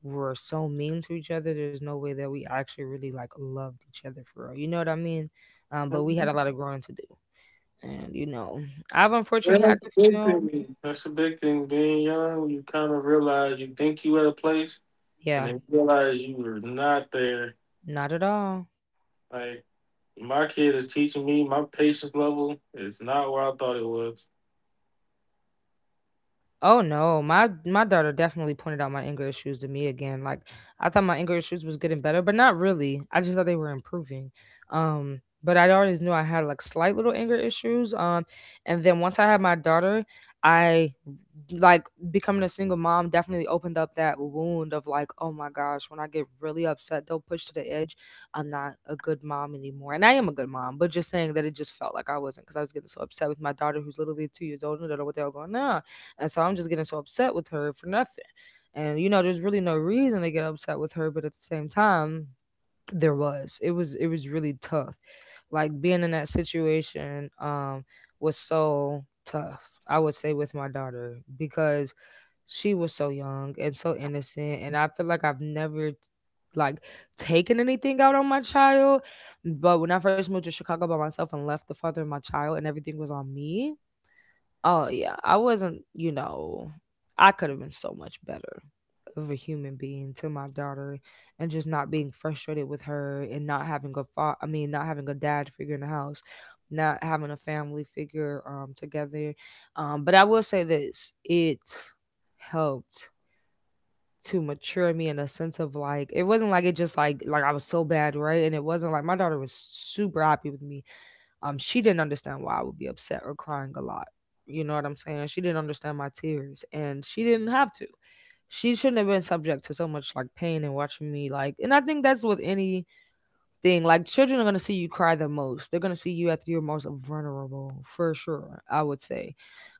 [SPEAKER 1] were so mean to each other. There's no way that we actually really like loved each other for real." You know what I mean? But we had a lot of growing to do, and I've
[SPEAKER 2] Yeah,
[SPEAKER 1] unfortunately had
[SPEAKER 2] that's a
[SPEAKER 1] to
[SPEAKER 2] big
[SPEAKER 1] feel.
[SPEAKER 2] thing. That's a big thing. Being young, you kind of realize you think you at a place, and
[SPEAKER 1] Yeah,
[SPEAKER 2] then you realize you were not there.
[SPEAKER 1] not at all.
[SPEAKER 2] Like my kid is teaching me my patience level is not where I thought it was.
[SPEAKER 1] Oh no, my daughter definitely pointed out my anger issues to me again. Like I thought my anger issues was getting better, but not really. I just thought they were improving. But I always knew I had like slight little anger issues. And then once I had my daughter, I like becoming a single mom definitely opened up that wound of like, oh my gosh, when I get really upset, they'll push to the edge. I'm not a good mom anymore, and I am a good mom. But just saying that, it just felt like I wasn't because I was getting so upset with my daughter, who's literally 2 years old, and I don't know what they were going on. And so I'm just getting so upset with her for nothing. And you know, there's really no reason to get upset with her, but at the same time, there was. It was really tough. Like being in that situation was so tough, I would say, with my daughter because she was so young and so innocent, and I feel like I've never like taken anything out on my child. But when I first moved to Chicago by myself and left the father of my child and everything was on me, oh yeah, I wasn't, you know, I could have been so much better of a human being to my daughter, and just not being frustrated with her and not having a I mean not having a dad figure in the house, not having a family figure together. But I will say this, it helped to mature me in a sense of like it wasn't like it just like I was so bad, right? And it wasn't like my daughter was super happy with me. She didn't understand why I would be upset or crying a lot. You know what I'm saying? She didn't understand my tears, and she didn't have to. She shouldn't have been subject to so much like pain and watching me like, and I think that's with anything. Like children are gonna see you cry the most. They're gonna see you at your most vulnerable, for sure, I would say.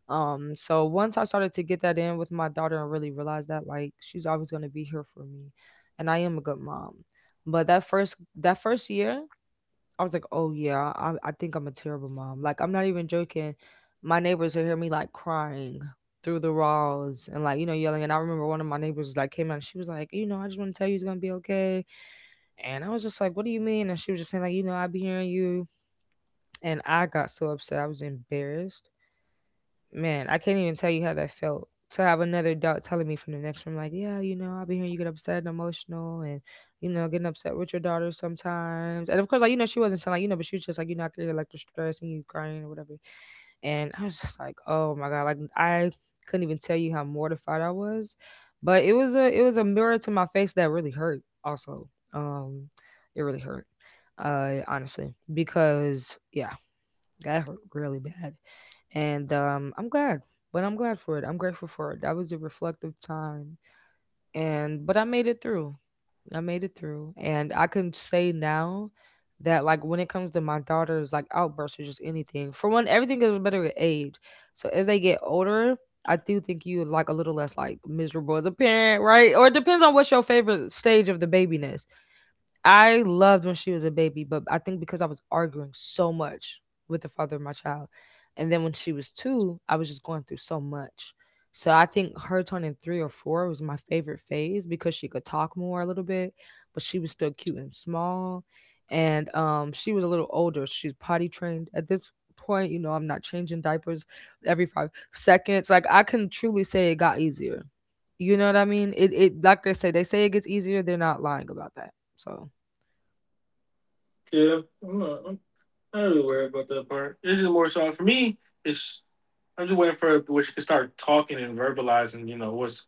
[SPEAKER 1] So once I started to get that in with my daughter and really realized that like she's always gonna be here for me and I am a good mom. But that first year, I was like, oh yeah, I think I'm a terrible mom. Like, I'm not even joking. My neighbors would hear me like crying through the walls and like, you know, yelling. And I remember one of my neighbors like came out and she was like, you know, I just want to tell you it's going to be okay. And I was just like, what do you mean? And she was just saying, like, you know, I be hearing you. And I got so upset. I was embarrassed. Man, I can't even tell you how that felt to have another adult telling me from the next room, like, yeah, you know, I'll be hearing you get upset and emotional and, you know, getting upset with your daughter sometimes. And of course, like, you know, she wasn't telling, like, you know, but she was just like, you know, I could hear like the stress and you crying or whatever. And I was just like, oh my God, like, I couldn't even tell you how mortified I was. But it was a mirror to my face that really hurt also. Um it really hurt. Honestly. Because yeah, that hurt really bad. And I'm glad, but I'm glad for it, I'm grateful for it. That was a reflective time. And but I made it through. I made it through, and I can say now that like when it comes to my daughters like outbursts or just anything, for one, everything gets better with age. So as they get older, I do think you like a little less like miserable as a parent, right? Or it depends on what's your favorite stage of the babyness. I loved when she was a baby, but I think because I was arguing so much with the father of my child. And then when she was two, I was just going through so much. So I think her turning three or four was my favorite phase because she could talk more a little bit, but she was still cute and small. And she was a little older. She's potty trained at this point. You know, I'm not changing diapers every 5 seconds. Like I can truly say it got easier. You know what I mean? It like they say it gets easier. They're not lying about that. So
[SPEAKER 2] Yeah, I'm not. I don't really worry about that part. It's just more so for me. It's I'm just waiting for which can start talking and verbalizing. You know what's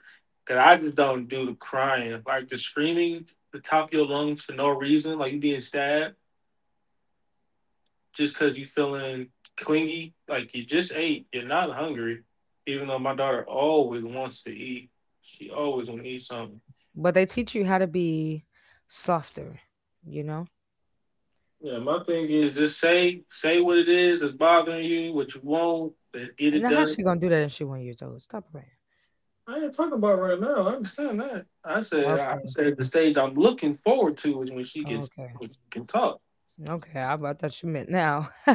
[SPEAKER 2] because I just don't do the crying, like the screaming, the top of your lungs for no reason, like you being stabbed just because you feeling clingy, like you just ate, you're not hungry. Even though my daughter always wants to eat, she always want to eat something.
[SPEAKER 1] but they teach you how to be softer, you know?
[SPEAKER 2] Yeah, my thing is just say what it is that's bothering you, what you want. Let's get
[SPEAKER 1] And
[SPEAKER 2] it
[SPEAKER 1] now how
[SPEAKER 2] done.
[SPEAKER 1] she gonna do that if she 1 years old? Stop playing.
[SPEAKER 2] I ain't talking about right now. I understand that. I
[SPEAKER 1] Okay,
[SPEAKER 2] said the stage I'm looking forward to is when she gets
[SPEAKER 1] okay,
[SPEAKER 2] when she can talk.
[SPEAKER 1] okay. I thought you meant now. I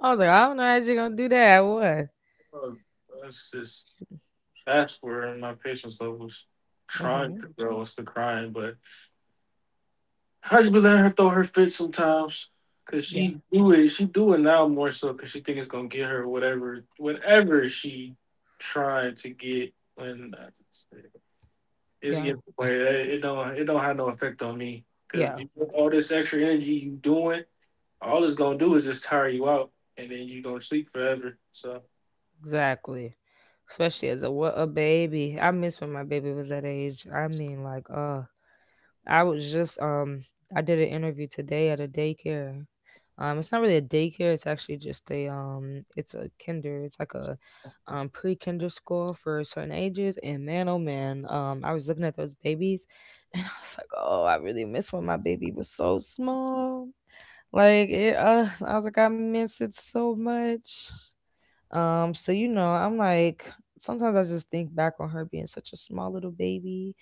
[SPEAKER 1] was like, I don't know how she gonna do that. What?
[SPEAKER 2] Uh, That's just that's where my patience level's trying
[SPEAKER 1] Mm-hmm.
[SPEAKER 2] to grow. It's the crying, but I just be letting her throw her fit sometimes? Cause
[SPEAKER 1] Yeah,
[SPEAKER 2] she do it. She do it now more so because she think it's gonna get her whatever she trying to get. When it's
[SPEAKER 1] yeah,
[SPEAKER 2] getting away, it don't have no effect on me. Cause
[SPEAKER 1] yeah.
[SPEAKER 2] all this extra energy you doing all it's gonna do is just tire you out, and then you're gonna sleep forever. So,
[SPEAKER 1] Exactly. Especially as a what a baby. I miss when my baby was that age. I mean, like, I was just I did an interview today at a daycare. It's not really a daycare, it's actually just a it's a it's like a pre-kinder school for certain ages, and man oh man, I was looking at those babies and I was like, "Oh, I really miss when my baby was so small." Like it I was like I miss it so much. So you know, I'm like sometimes I just think back on her being such a small little baby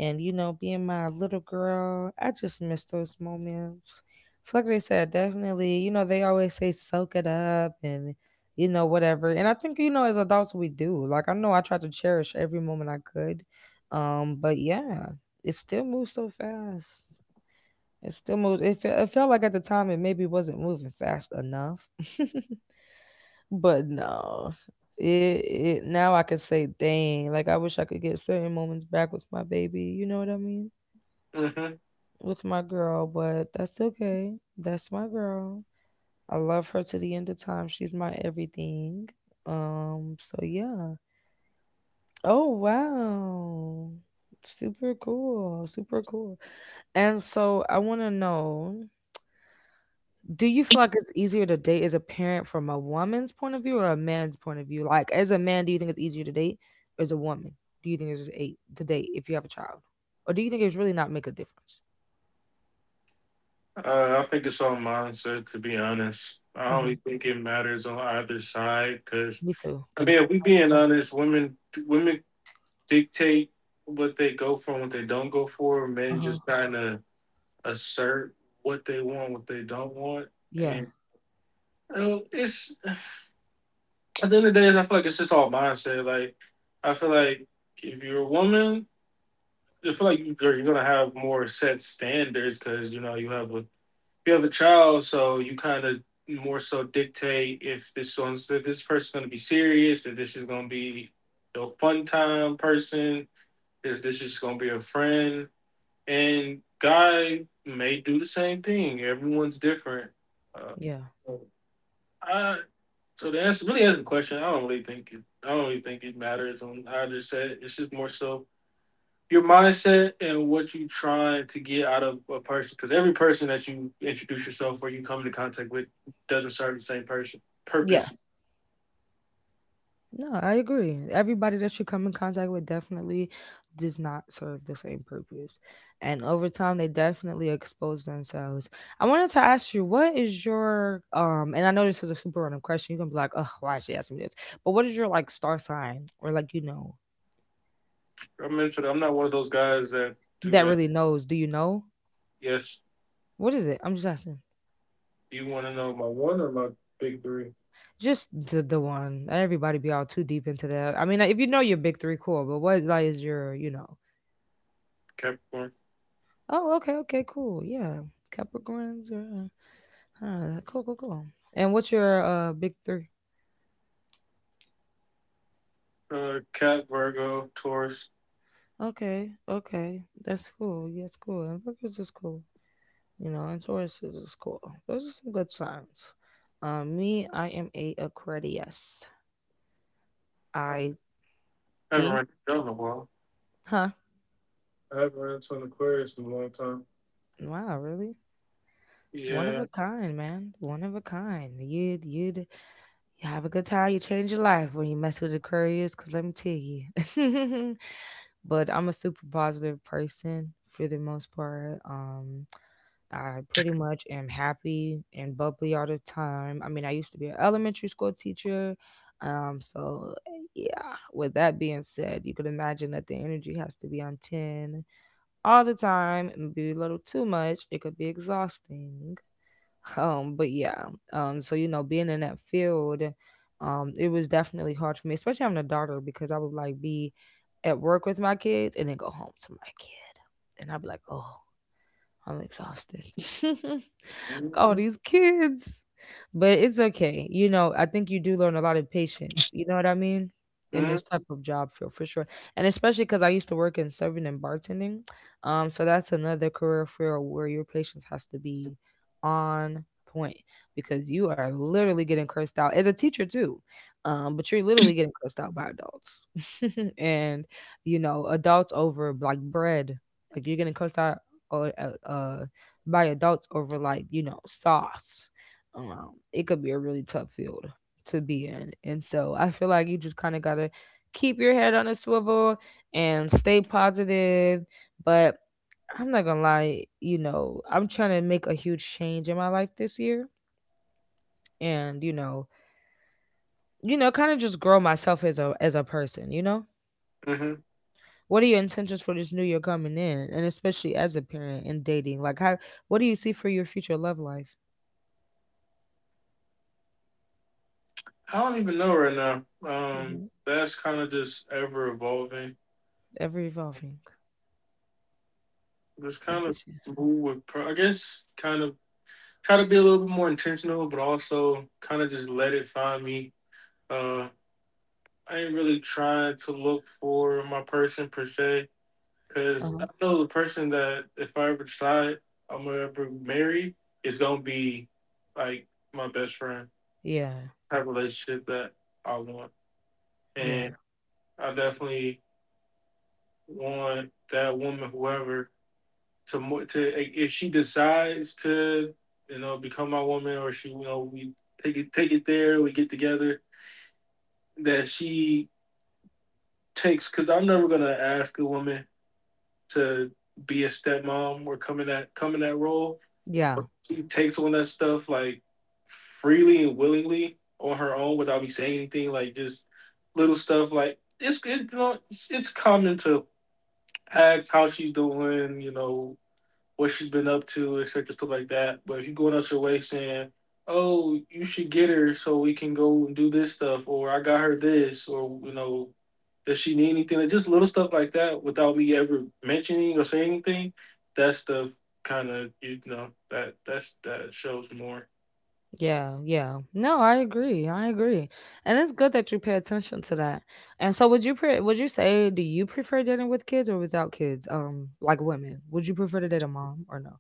[SPEAKER 1] and you know, being my little girl. I just miss those moments. So like they said, definitely, you know, they always say soak it up and you know, whatever. And I think, you know, as adults we do. Like I know I tried to cherish every moment I could. But yeah, it still moves so fast. It still moves. It felt like at the time it maybe wasn't moving fast enough. But no, it now I can say, dang, like I wish I could get certain moments back with my baby. You know what I mean?
[SPEAKER 2] mhm.
[SPEAKER 1] With my girl, but that's okay. That's my girl. I love her to the end of time. She's my everything. So yeah. Oh wow. Super cool. Super cool. And so I want to know, do you feel like it's easier to date as a parent from a woman's point of view or a man's point of view? Like, as a man, do you think it's easier to date as a woman? Do you think it's a to date if you have a child, or do you think it's really not make a difference?
[SPEAKER 2] I think it's all mindset. To be honest, I
[SPEAKER 1] Uh huh.
[SPEAKER 2] don't think it matters on either side. Because
[SPEAKER 1] Me too.
[SPEAKER 2] I mean, if we being honest, women dictate what they go for and what they don't go for.
[SPEAKER 1] Uh
[SPEAKER 2] Men
[SPEAKER 1] huh.
[SPEAKER 2] just kind of assert what they want, what they don't want,
[SPEAKER 1] Yeah.
[SPEAKER 2] and you know, it's at the end of the day, I feel like it's just all mindset. Like I feel like if you're a woman, I feel like you— you're gonna have more set standards because you know you have a child, so you kind of more so dictate if this one's that this person's gonna be serious, that this is gonna be a fun time person, is this is gonna be a friend, and guy may do the same thing. Everyone's different. Uh,
[SPEAKER 1] Yeah.
[SPEAKER 2] I, so the answer really answer the question. I don't really think it. I don't really think it matters on either set. It's just more so your mindset and what you trying to get out of a person because every person that you introduce yourself or you come into contact with doesn't serve the same person
[SPEAKER 1] Yeah.
[SPEAKER 2] purpose.
[SPEAKER 1] No, I agree. Everybody that you come in contact with definitely does not serve the same purpose. And over time they definitely expose themselves. I wanted to ask you, what is your and I know this is a super random question. You can be like, oh, why is she asking me this? But what is your like star sign, or like you know
[SPEAKER 2] I'm into I'm not one of those guys that do
[SPEAKER 1] that
[SPEAKER 2] that.
[SPEAKER 1] really knows? Do you know?
[SPEAKER 2] Yes.
[SPEAKER 1] What is it? I'm just asking.
[SPEAKER 2] You want to know my one or my big three?
[SPEAKER 1] Just the one. Everybody be all too deep into that. I mean, like, if you know your big three, cool. But what like is your, you know?
[SPEAKER 2] Capricorn.
[SPEAKER 1] Oh, okay, okay, cool. Yeah. Capricorns or huh, cool, cool, cool. And what's your big three?
[SPEAKER 2] Cap, Virgo, Taurus.
[SPEAKER 1] Okay, okay, that's cool. Yeah, it's cool. And Virgos is cool, you know, and Taurus is cool. Those are some good signs. Me, I am a Aquarius.
[SPEAKER 2] I
[SPEAKER 1] I
[SPEAKER 2] haven't run
[SPEAKER 1] think,
[SPEAKER 2] into them in a while.
[SPEAKER 1] huh?
[SPEAKER 2] I haven't run into an Aquarius in a long time.
[SPEAKER 1] Wow, really? One of
[SPEAKER 2] Yeah.
[SPEAKER 1] a kind, man. One of a kind. You have a good time. You change your life when you mess with Aquarius, cause let me tell you. But I'm a super positive person for the most part. I pretty much am happy and bubbly all the time. I mean, I used to be an elementary school teacher. Yeah, with that being said, you could imagine that the energy has to be on 10 all the time and be a little too much. It could be exhausting. But Yeah, being in that field, it was definitely hard for me, especially having a daughter because I would like be at work with my kids and then go home to my kid. And I'd be like, oh, I'm exhausted. All
[SPEAKER 2] Mm-hmm.
[SPEAKER 1] these kids. But it's okay. You know, I think you do learn a lot of patience. You know what I mean? In this type of job field for sure. And especially because I used to work in serving and bartending. So that's another career field where your patience has to be on point because you are literally getting cursed out as a teacher too. But you're literally getting cursed out by adults. And, you know, adults over like bread. Like you're getting cursed out or by adults over like sauce. It could be a really tough field to be in, and so I feel like you just kind of gotta keep your head on a swivel and stay positive. But I'm not gonna lie, I'm trying to make a huge change in my life this year. And kind of just grow myself as a person.
[SPEAKER 2] Mm-hmm.
[SPEAKER 1] What are your intentions for this new year coming in, and especially as a parent and dating? Like, how, what do you see for your future love life?
[SPEAKER 2] I don't even know right now.
[SPEAKER 1] Hmm.
[SPEAKER 2] That's kind of just ever evolving.
[SPEAKER 1] Ever evolving.
[SPEAKER 2] Just
[SPEAKER 1] I
[SPEAKER 2] kind of
[SPEAKER 1] get you.
[SPEAKER 2] move with, I guess, kind of try to be a little bit more intentional, but also kind of just let it find me. Uh, I ain't really trying to look for my person per se,
[SPEAKER 1] Uh
[SPEAKER 2] because
[SPEAKER 1] huh.
[SPEAKER 2] I know the person that if I ever decide I'm gonna ever marry is gonna be like my best friend
[SPEAKER 1] Yeah.
[SPEAKER 2] type of relationship that I want,
[SPEAKER 1] Yeah.
[SPEAKER 2] and I definitely want that woman, whoever to if she decides to you know become my woman, or she you know we take it there, we get together, that she takes, because I'm never gonna ask a woman to be a stepmom or come in that role.
[SPEAKER 1] Yeah.
[SPEAKER 2] She takes on that stuff like freely and willingly on her own without me saying anything. Like just little stuff like it's it, it's common to ask how she's doing. You know what she's been up to, etc., stuff like that. But if you're going out your way saying, "Oh, you should get her so we can go and do this stuff," or "I got her this," or "Does she need anything?" Like just little stuff like that, without me ever mentioning or saying anything, that stuff kind of, that shows more.
[SPEAKER 1] Yeah. Yeah. No, I agree. I agree. And it's good that you pay attention to that. And so, would you say, do you prefer dating with kids or without kids? Like, women, would you prefer to date a mom or no?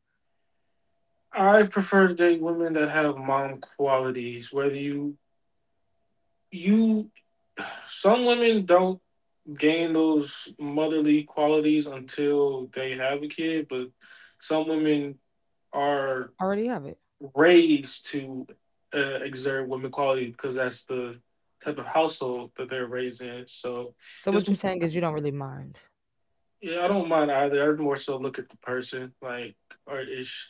[SPEAKER 2] I prefer to date women that have mom qualities. Whether you some women don't gain those motherly qualities until they have a kid, but some women are
[SPEAKER 1] I already have it.
[SPEAKER 2] raised to exert women qualities because that's the type of household that they're raised in. So
[SPEAKER 1] So
[SPEAKER 2] it's
[SPEAKER 1] what you're saying is you don't really mind.
[SPEAKER 2] yeah, I don't mind either. I'd more so look at the person, like, or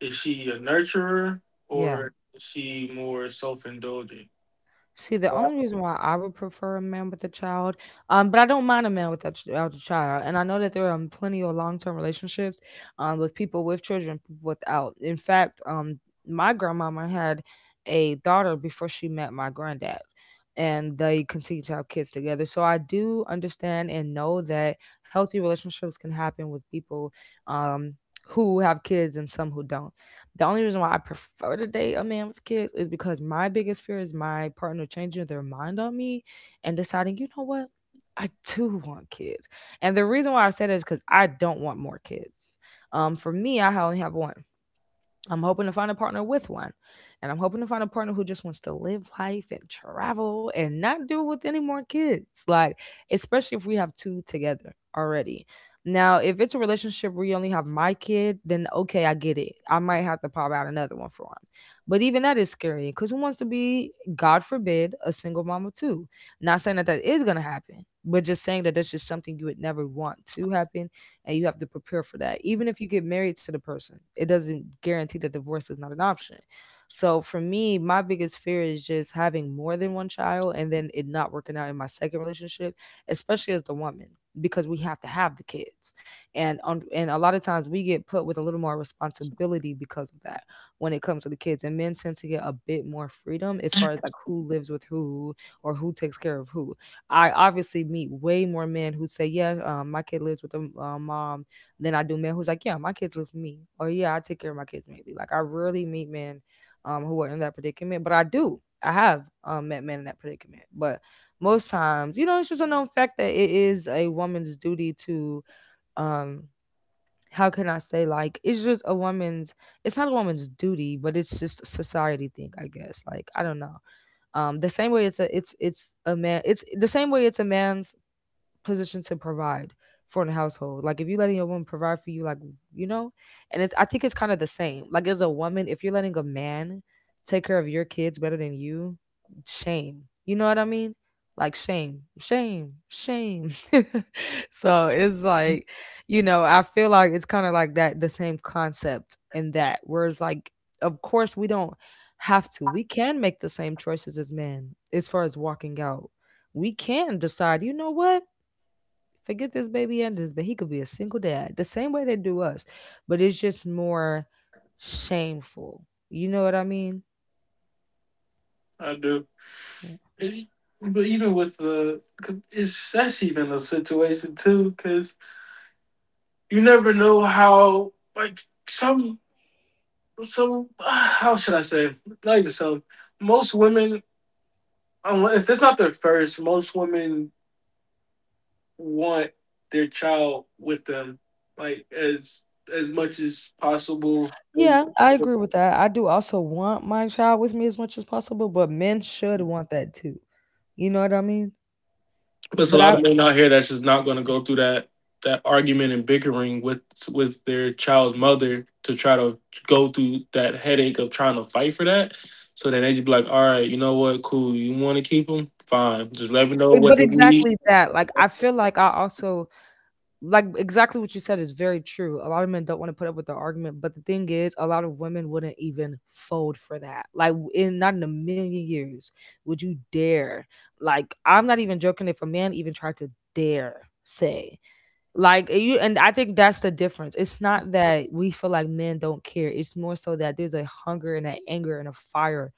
[SPEAKER 2] is she a nurturer,
[SPEAKER 1] Yeah.
[SPEAKER 2] or is she more self indulgent?
[SPEAKER 1] See, the only reason why I would prefer a man with a child, but I don't mind a man without without a child, and I know that there are plenty of long term relationships, with people with children, people without. In fact, my grandmama had a daughter before she met my granddad, and they continue to have kids together. So I do understand and know that healthy relationships can happen with people, um, who have kids and some who don't. The only reason why I prefer to date a man with kids is because my biggest fear is my partner changing their mind on me and deciding, you know what, I do want kids. And the reason why I said it is because I don't want more kids. For me, I only have one. I'm hoping to find a partner with one. And I'm hoping to find a partner who just wants to live life and travel and not deal with any more kids. Like, especially if we have two together already. Now, if it's a relationship where you only have my kid, then okay, I get it. I might have to pop out another one for him. But even that is scary, because who wants to be, God forbid, a single mama too? Not saying that that is going to happen, but just saying that that's just something you would never want to happen, and you have to prepare for that. Even if you get married to the person, it doesn't guarantee that divorce is not an option. So for me, my biggest fear is just having more than one child and then it not working out in my second relationship, especially as the woman, because we have to have the kids. And a lot of times we get put with a little more responsibility because of that when it comes to the kids. And men tend to get a bit more freedom as far as like who lives with who or who takes care of who. I obviously meet way more men who say, "Yeah, my kid lives with a mom," than I do men who's like, "Yeah, my kids live with me," or "Yeah, I take care of my kids mainly." Like, I rarely meet men who are in that predicament, but I do. I have met men in that predicament, but most times, you know, it's just a known fact that it is a woman's duty to, um, how can I say, like, it's just a woman's. It's not a woman's duty, but it's just a society thing, I guess. Like, I don't know, the same way it's a it's a man it's the same way it's a man's position to provide for in the household. Like, if you're letting a woman provide for you, like, you know, and it's, I think it's kind of the same. Like, as a woman, if you're letting a man take care of your kids better than you, shame. You know what I mean? Like, shame, shame, shame. So it's like, you know, I feel like it's kind of like that the same concept in that. Whereas like, of course we don't have to. We can make the same choices as men as far as walking out. We can decide, you know what? Forget this baby and this, but he could be a single dad the same way they do us. But it's just more shameful. You know what I mean?
[SPEAKER 2] I do.
[SPEAKER 1] Mm.
[SPEAKER 2] It- But even with that's even a situation too, because you never know how like some some how should I say, not even some, most women, if it's not their first, most women want their child with them like as much as possible. They,
[SPEAKER 1] Yeah, I agree with that. I do also want my child with me as much as possible, but men should want that too. You know what I mean?
[SPEAKER 2] there's a
[SPEAKER 1] But
[SPEAKER 2] lot
[SPEAKER 1] I,
[SPEAKER 2] of men out here that's just not going to go through that that argument and bickering with their child's mother to try to go through that headache of trying to fight for that. So then they just be like, "All right, you know what? Cool. You want to keep them? Fine. Just let me know what
[SPEAKER 1] but
[SPEAKER 2] they need."
[SPEAKER 1] exactly that. Like, I feel like I also, like, exactly what you said is very true. A lot of men don't want to put up with the argument, but the thing is, a lot of women wouldn't even fold for that. Like, in, not in a million years would you dare. Like, I'm not even joking, if a man even tried to dare say, you, and I think that's the difference. It's not that we feel like men don't care. It's more so that there's a hunger and an anger and a fire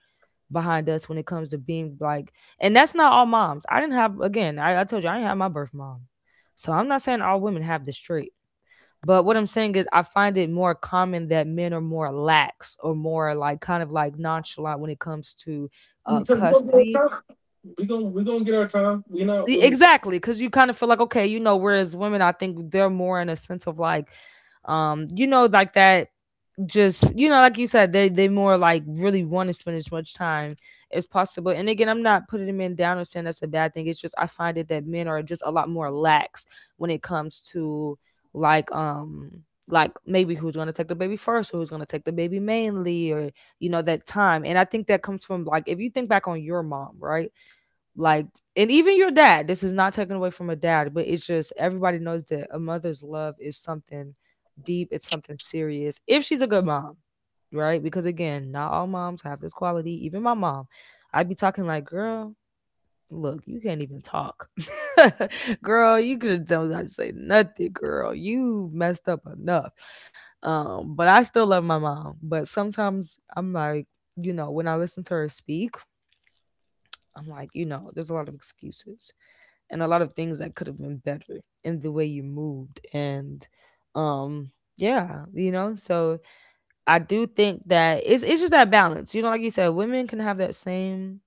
[SPEAKER 1] behind us when it comes to being like, and that's not all moms. I didn't have, again, I told you I didn't have my birth mom. So I'm not saying all women have this trait. But what I'm saying is I find it more common that men are more lax, or more like kind of like nonchalant when it comes to
[SPEAKER 2] We gonna get our
[SPEAKER 1] custody.
[SPEAKER 2] time. We gonna get our time. We not really.
[SPEAKER 1] Exactly, because you kind of feel like, okay, you know, whereas women, I think they're more in a sense of like, like that, just you know like you said, they more like really want to spend as much time as possible. And again, I'm not putting men down or saying that's a bad thing, it's just I find it that men are just a lot more lax when it comes to like, like, maybe who's going to take the baby first, or who's going to take the baby mainly, or you know, that time. And I think that comes from like, if you think back on your mom, right? Like, and even your dad, this is not taken away from a dad, but it's just everybody knows that a mother's love is something deep. It's something serious, if she's a good mom, right? Because again, not all moms have this quality. Even my mom, I'd be talking like, girl, look, you can't even talk. Girl, you could have done not say nothing. Girl, you messed up enough. But I still love my mom. But sometimes I'm like, you know, when I listen to her speak, I'm like, you know, there's a lot of excuses and a lot of things that could have been better in the way you moved, and um yeah, you know. So I do think that it's just that balance. You know, like you said, women can have that same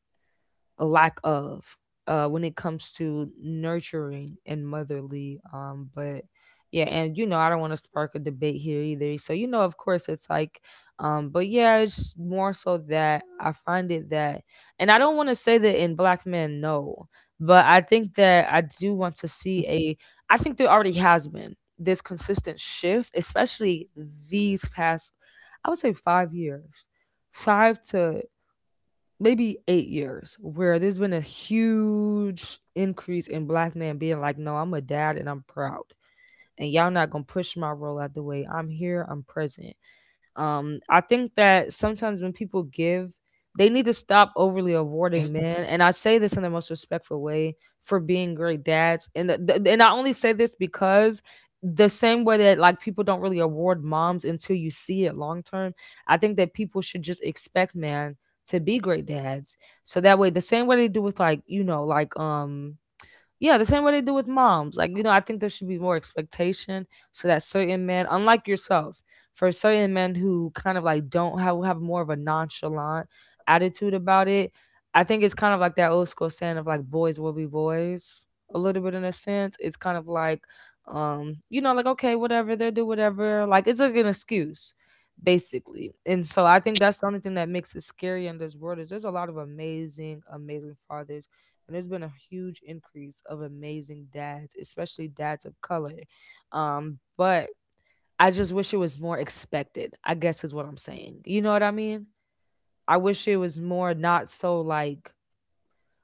[SPEAKER 1] a lack of when it comes to nurturing and motherly, but yeah. And you know, I don't want to spark a debate here either, so you know, of course it's like, but yeah, it's more so that I find it that, and I don't want to say that in black men, no, but I think that I do want to see a, I think there already has been this consistent shift, especially these past, I would say 5 years, five to maybe 8 years, where there's been a huge increase in black men being like, no, I'm a dad and I'm proud and y'all not gonna push my role out the way. I'm here, I'm present. I think that sometimes when people give, they need to stop overly awarding men. And I say this in the most respectful way, for being great dads. And I only say this because the same way that, like, people don't really award moms until you see it long term, I think that people should just expect men to be great dads. So that way, the same way they do with, like, you know, like yeah, the same way they do with moms. Like, you know, I think there should be more expectation, so that certain men, unlike yourself, for certain men who kind of like don't have more of a nonchalant attitude about it, I think it's kind of like that old school saying of like boys will be boys, a little bit, in a sense. It's kind of like you know, like, okay, whatever, they'll do whatever. Like, it's like an excuse, basically. And so I think that's the only thing that makes it scary in this world, is there's a lot of amazing, amazing fathers, and there's been a huge increase of amazing dads, especially dads of color. But I just wish it was more expected, I guess, is what I'm saying. You know what I mean? I wish it was more not so like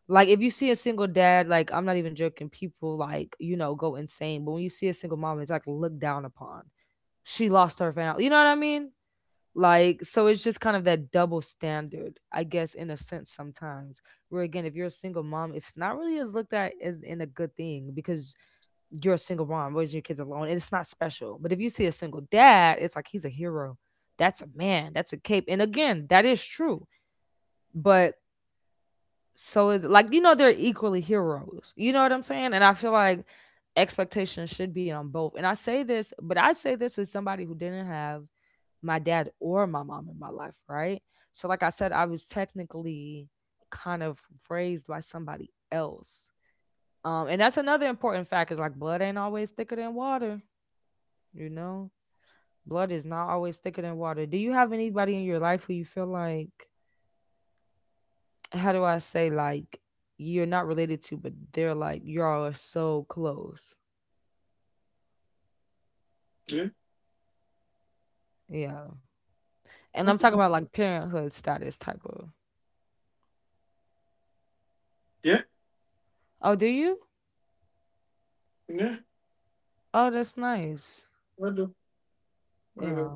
[SPEAKER 1] like if you see a single dad, like, I'm not even joking, people, like, go insane. But when you see a single mom, it's like looked down upon. She lost her family. You know what I mean? Like, so it's just kind of that double standard, I guess, in a sense, sometimes. Where, again, if you're a single mom, it's not really as looked at as in a good thing, because you're a single mom raising your kids alone, and it's not special. But if you see a single dad, it's like he's a hero. That's a man. That's a cape. And again, that is true. But so is, like, you know, they're equally heroes. You know what I'm saying? And I feel like expectations should be on both. And I say this, but I say this as somebody who didn't have my dad or my mom in my life, right? So, like I said, I was technically kind of raised by somebody else. And that's another important fact, is like blood ain't always thicker than water, you know? Blood is not always thicker than water. Do you have anybody in your life who you feel like, how do I say, like, you're not related to, but they're like, y'all are so close?
[SPEAKER 2] Yeah,
[SPEAKER 1] Yeah. And I'm talking about like parenthood status type of.
[SPEAKER 2] yeah,
[SPEAKER 1] Oh, do you?
[SPEAKER 2] yeah.
[SPEAKER 1] Oh, that's nice.
[SPEAKER 2] I do. I
[SPEAKER 1] Yeah.
[SPEAKER 2] do.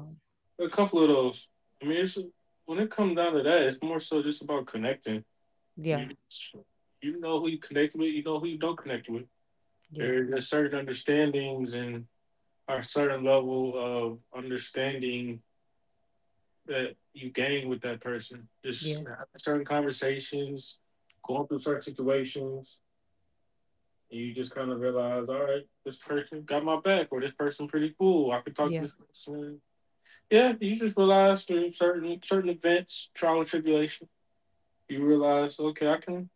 [SPEAKER 2] A couple of those. I mean, it's when it comes down to that, it's more so just about connecting.
[SPEAKER 1] Yeah.
[SPEAKER 2] You, you know who you connect with. You know who you don't connect with.
[SPEAKER 1] Yeah.
[SPEAKER 2] There are certain understandings and a certain level of understanding that you gain with that person. Just
[SPEAKER 1] Yeah,
[SPEAKER 2] having certain conversations, going through certain situations, and you just kind of realize, all right, this person got my back, or this person pretty cool. I could talk to
[SPEAKER 1] yeah,
[SPEAKER 2] this person. Yeah, you just realize through certain events, trial and tribulation, you realize, okay,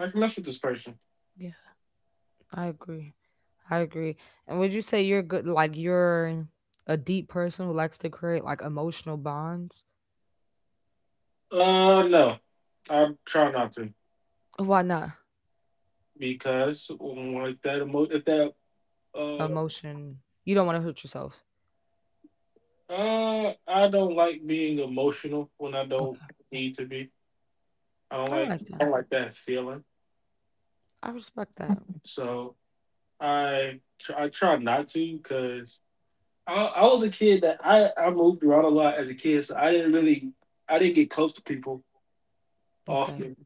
[SPEAKER 2] I can mess with this person.
[SPEAKER 1] yeah. I agree. I agree. And would you say you're good, like you're a deep person who likes to create like emotional bonds?
[SPEAKER 2] No, I try not to
[SPEAKER 1] Why not?
[SPEAKER 2] because mm, if that uh
[SPEAKER 1] Emotion. You don't want to hurt yourself.
[SPEAKER 2] I don't like being emotional when I don't
[SPEAKER 1] Okay.
[SPEAKER 2] need to be.
[SPEAKER 1] I like
[SPEAKER 2] I
[SPEAKER 1] that.
[SPEAKER 2] don't like that feeling.
[SPEAKER 1] I respect that.
[SPEAKER 2] So I try not to because I was a kid that I moved around a lot as a kid, so I didn't really, I didn't get close to people
[SPEAKER 1] Okay.
[SPEAKER 2] often.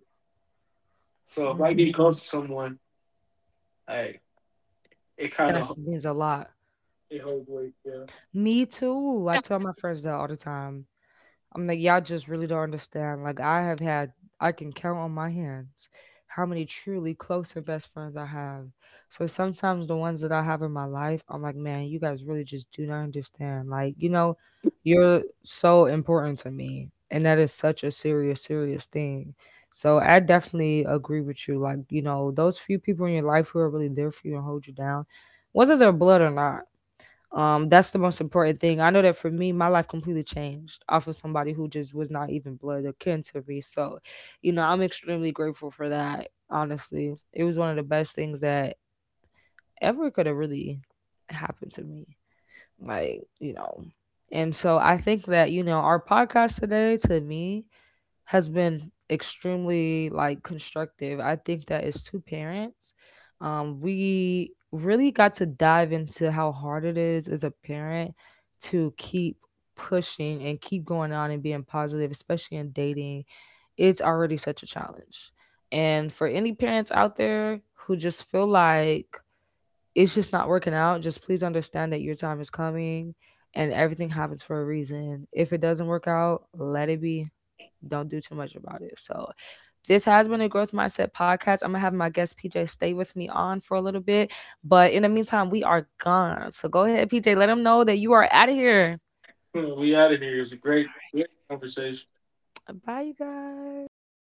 [SPEAKER 2] So if I
[SPEAKER 1] Mm,
[SPEAKER 2] get close to someone, I it kind
[SPEAKER 1] that
[SPEAKER 2] of
[SPEAKER 1] means a lot.
[SPEAKER 2] it holds weight. Yeah,
[SPEAKER 1] Me too. I tell my friends that all the time. I'm like, y'all just really don't understand. Like, I have had, I can count on my hands how many truly close and best friends I have. So sometimes the ones that I have in my life, I'm like, man, you guys really just do not understand. Like, you know, you're so important to me. And that is such a serious, serious thing. So I definitely agree with you. Like, you know, those few people in your life who are really there for you and hold you down, whether they're blood or not. That's the most important thing. I know that for me, my life completely changed off of somebody who just was not even blood or kin to me. So, you know, I'm extremely grateful for that. Honestly, it was one of the best things that ever could have really happened to me. Like, you know, and so I think that, you know, our podcast today, to me, has been extremely, like, constructive. I think that as two parents, we really got to dive into how hard it is as a parent to keep pushing and keep going on and being positive, especially in dating. It's already such a challenge. And for any parents out there who just feel like it's just not working out, just please understand that your time is coming and everything happens for a reason. If it doesn't work out, let it be, don't do too much about it. So this has been a Growth Mindset podcast. I'm gonna have my guest PJ stay with me on for a little bit, but in the meantime, we are gone. So go ahead, PJ, let them know that you are out of here.
[SPEAKER 2] we out of here. It was a great conversation.
[SPEAKER 1] All right. Bye, you guys.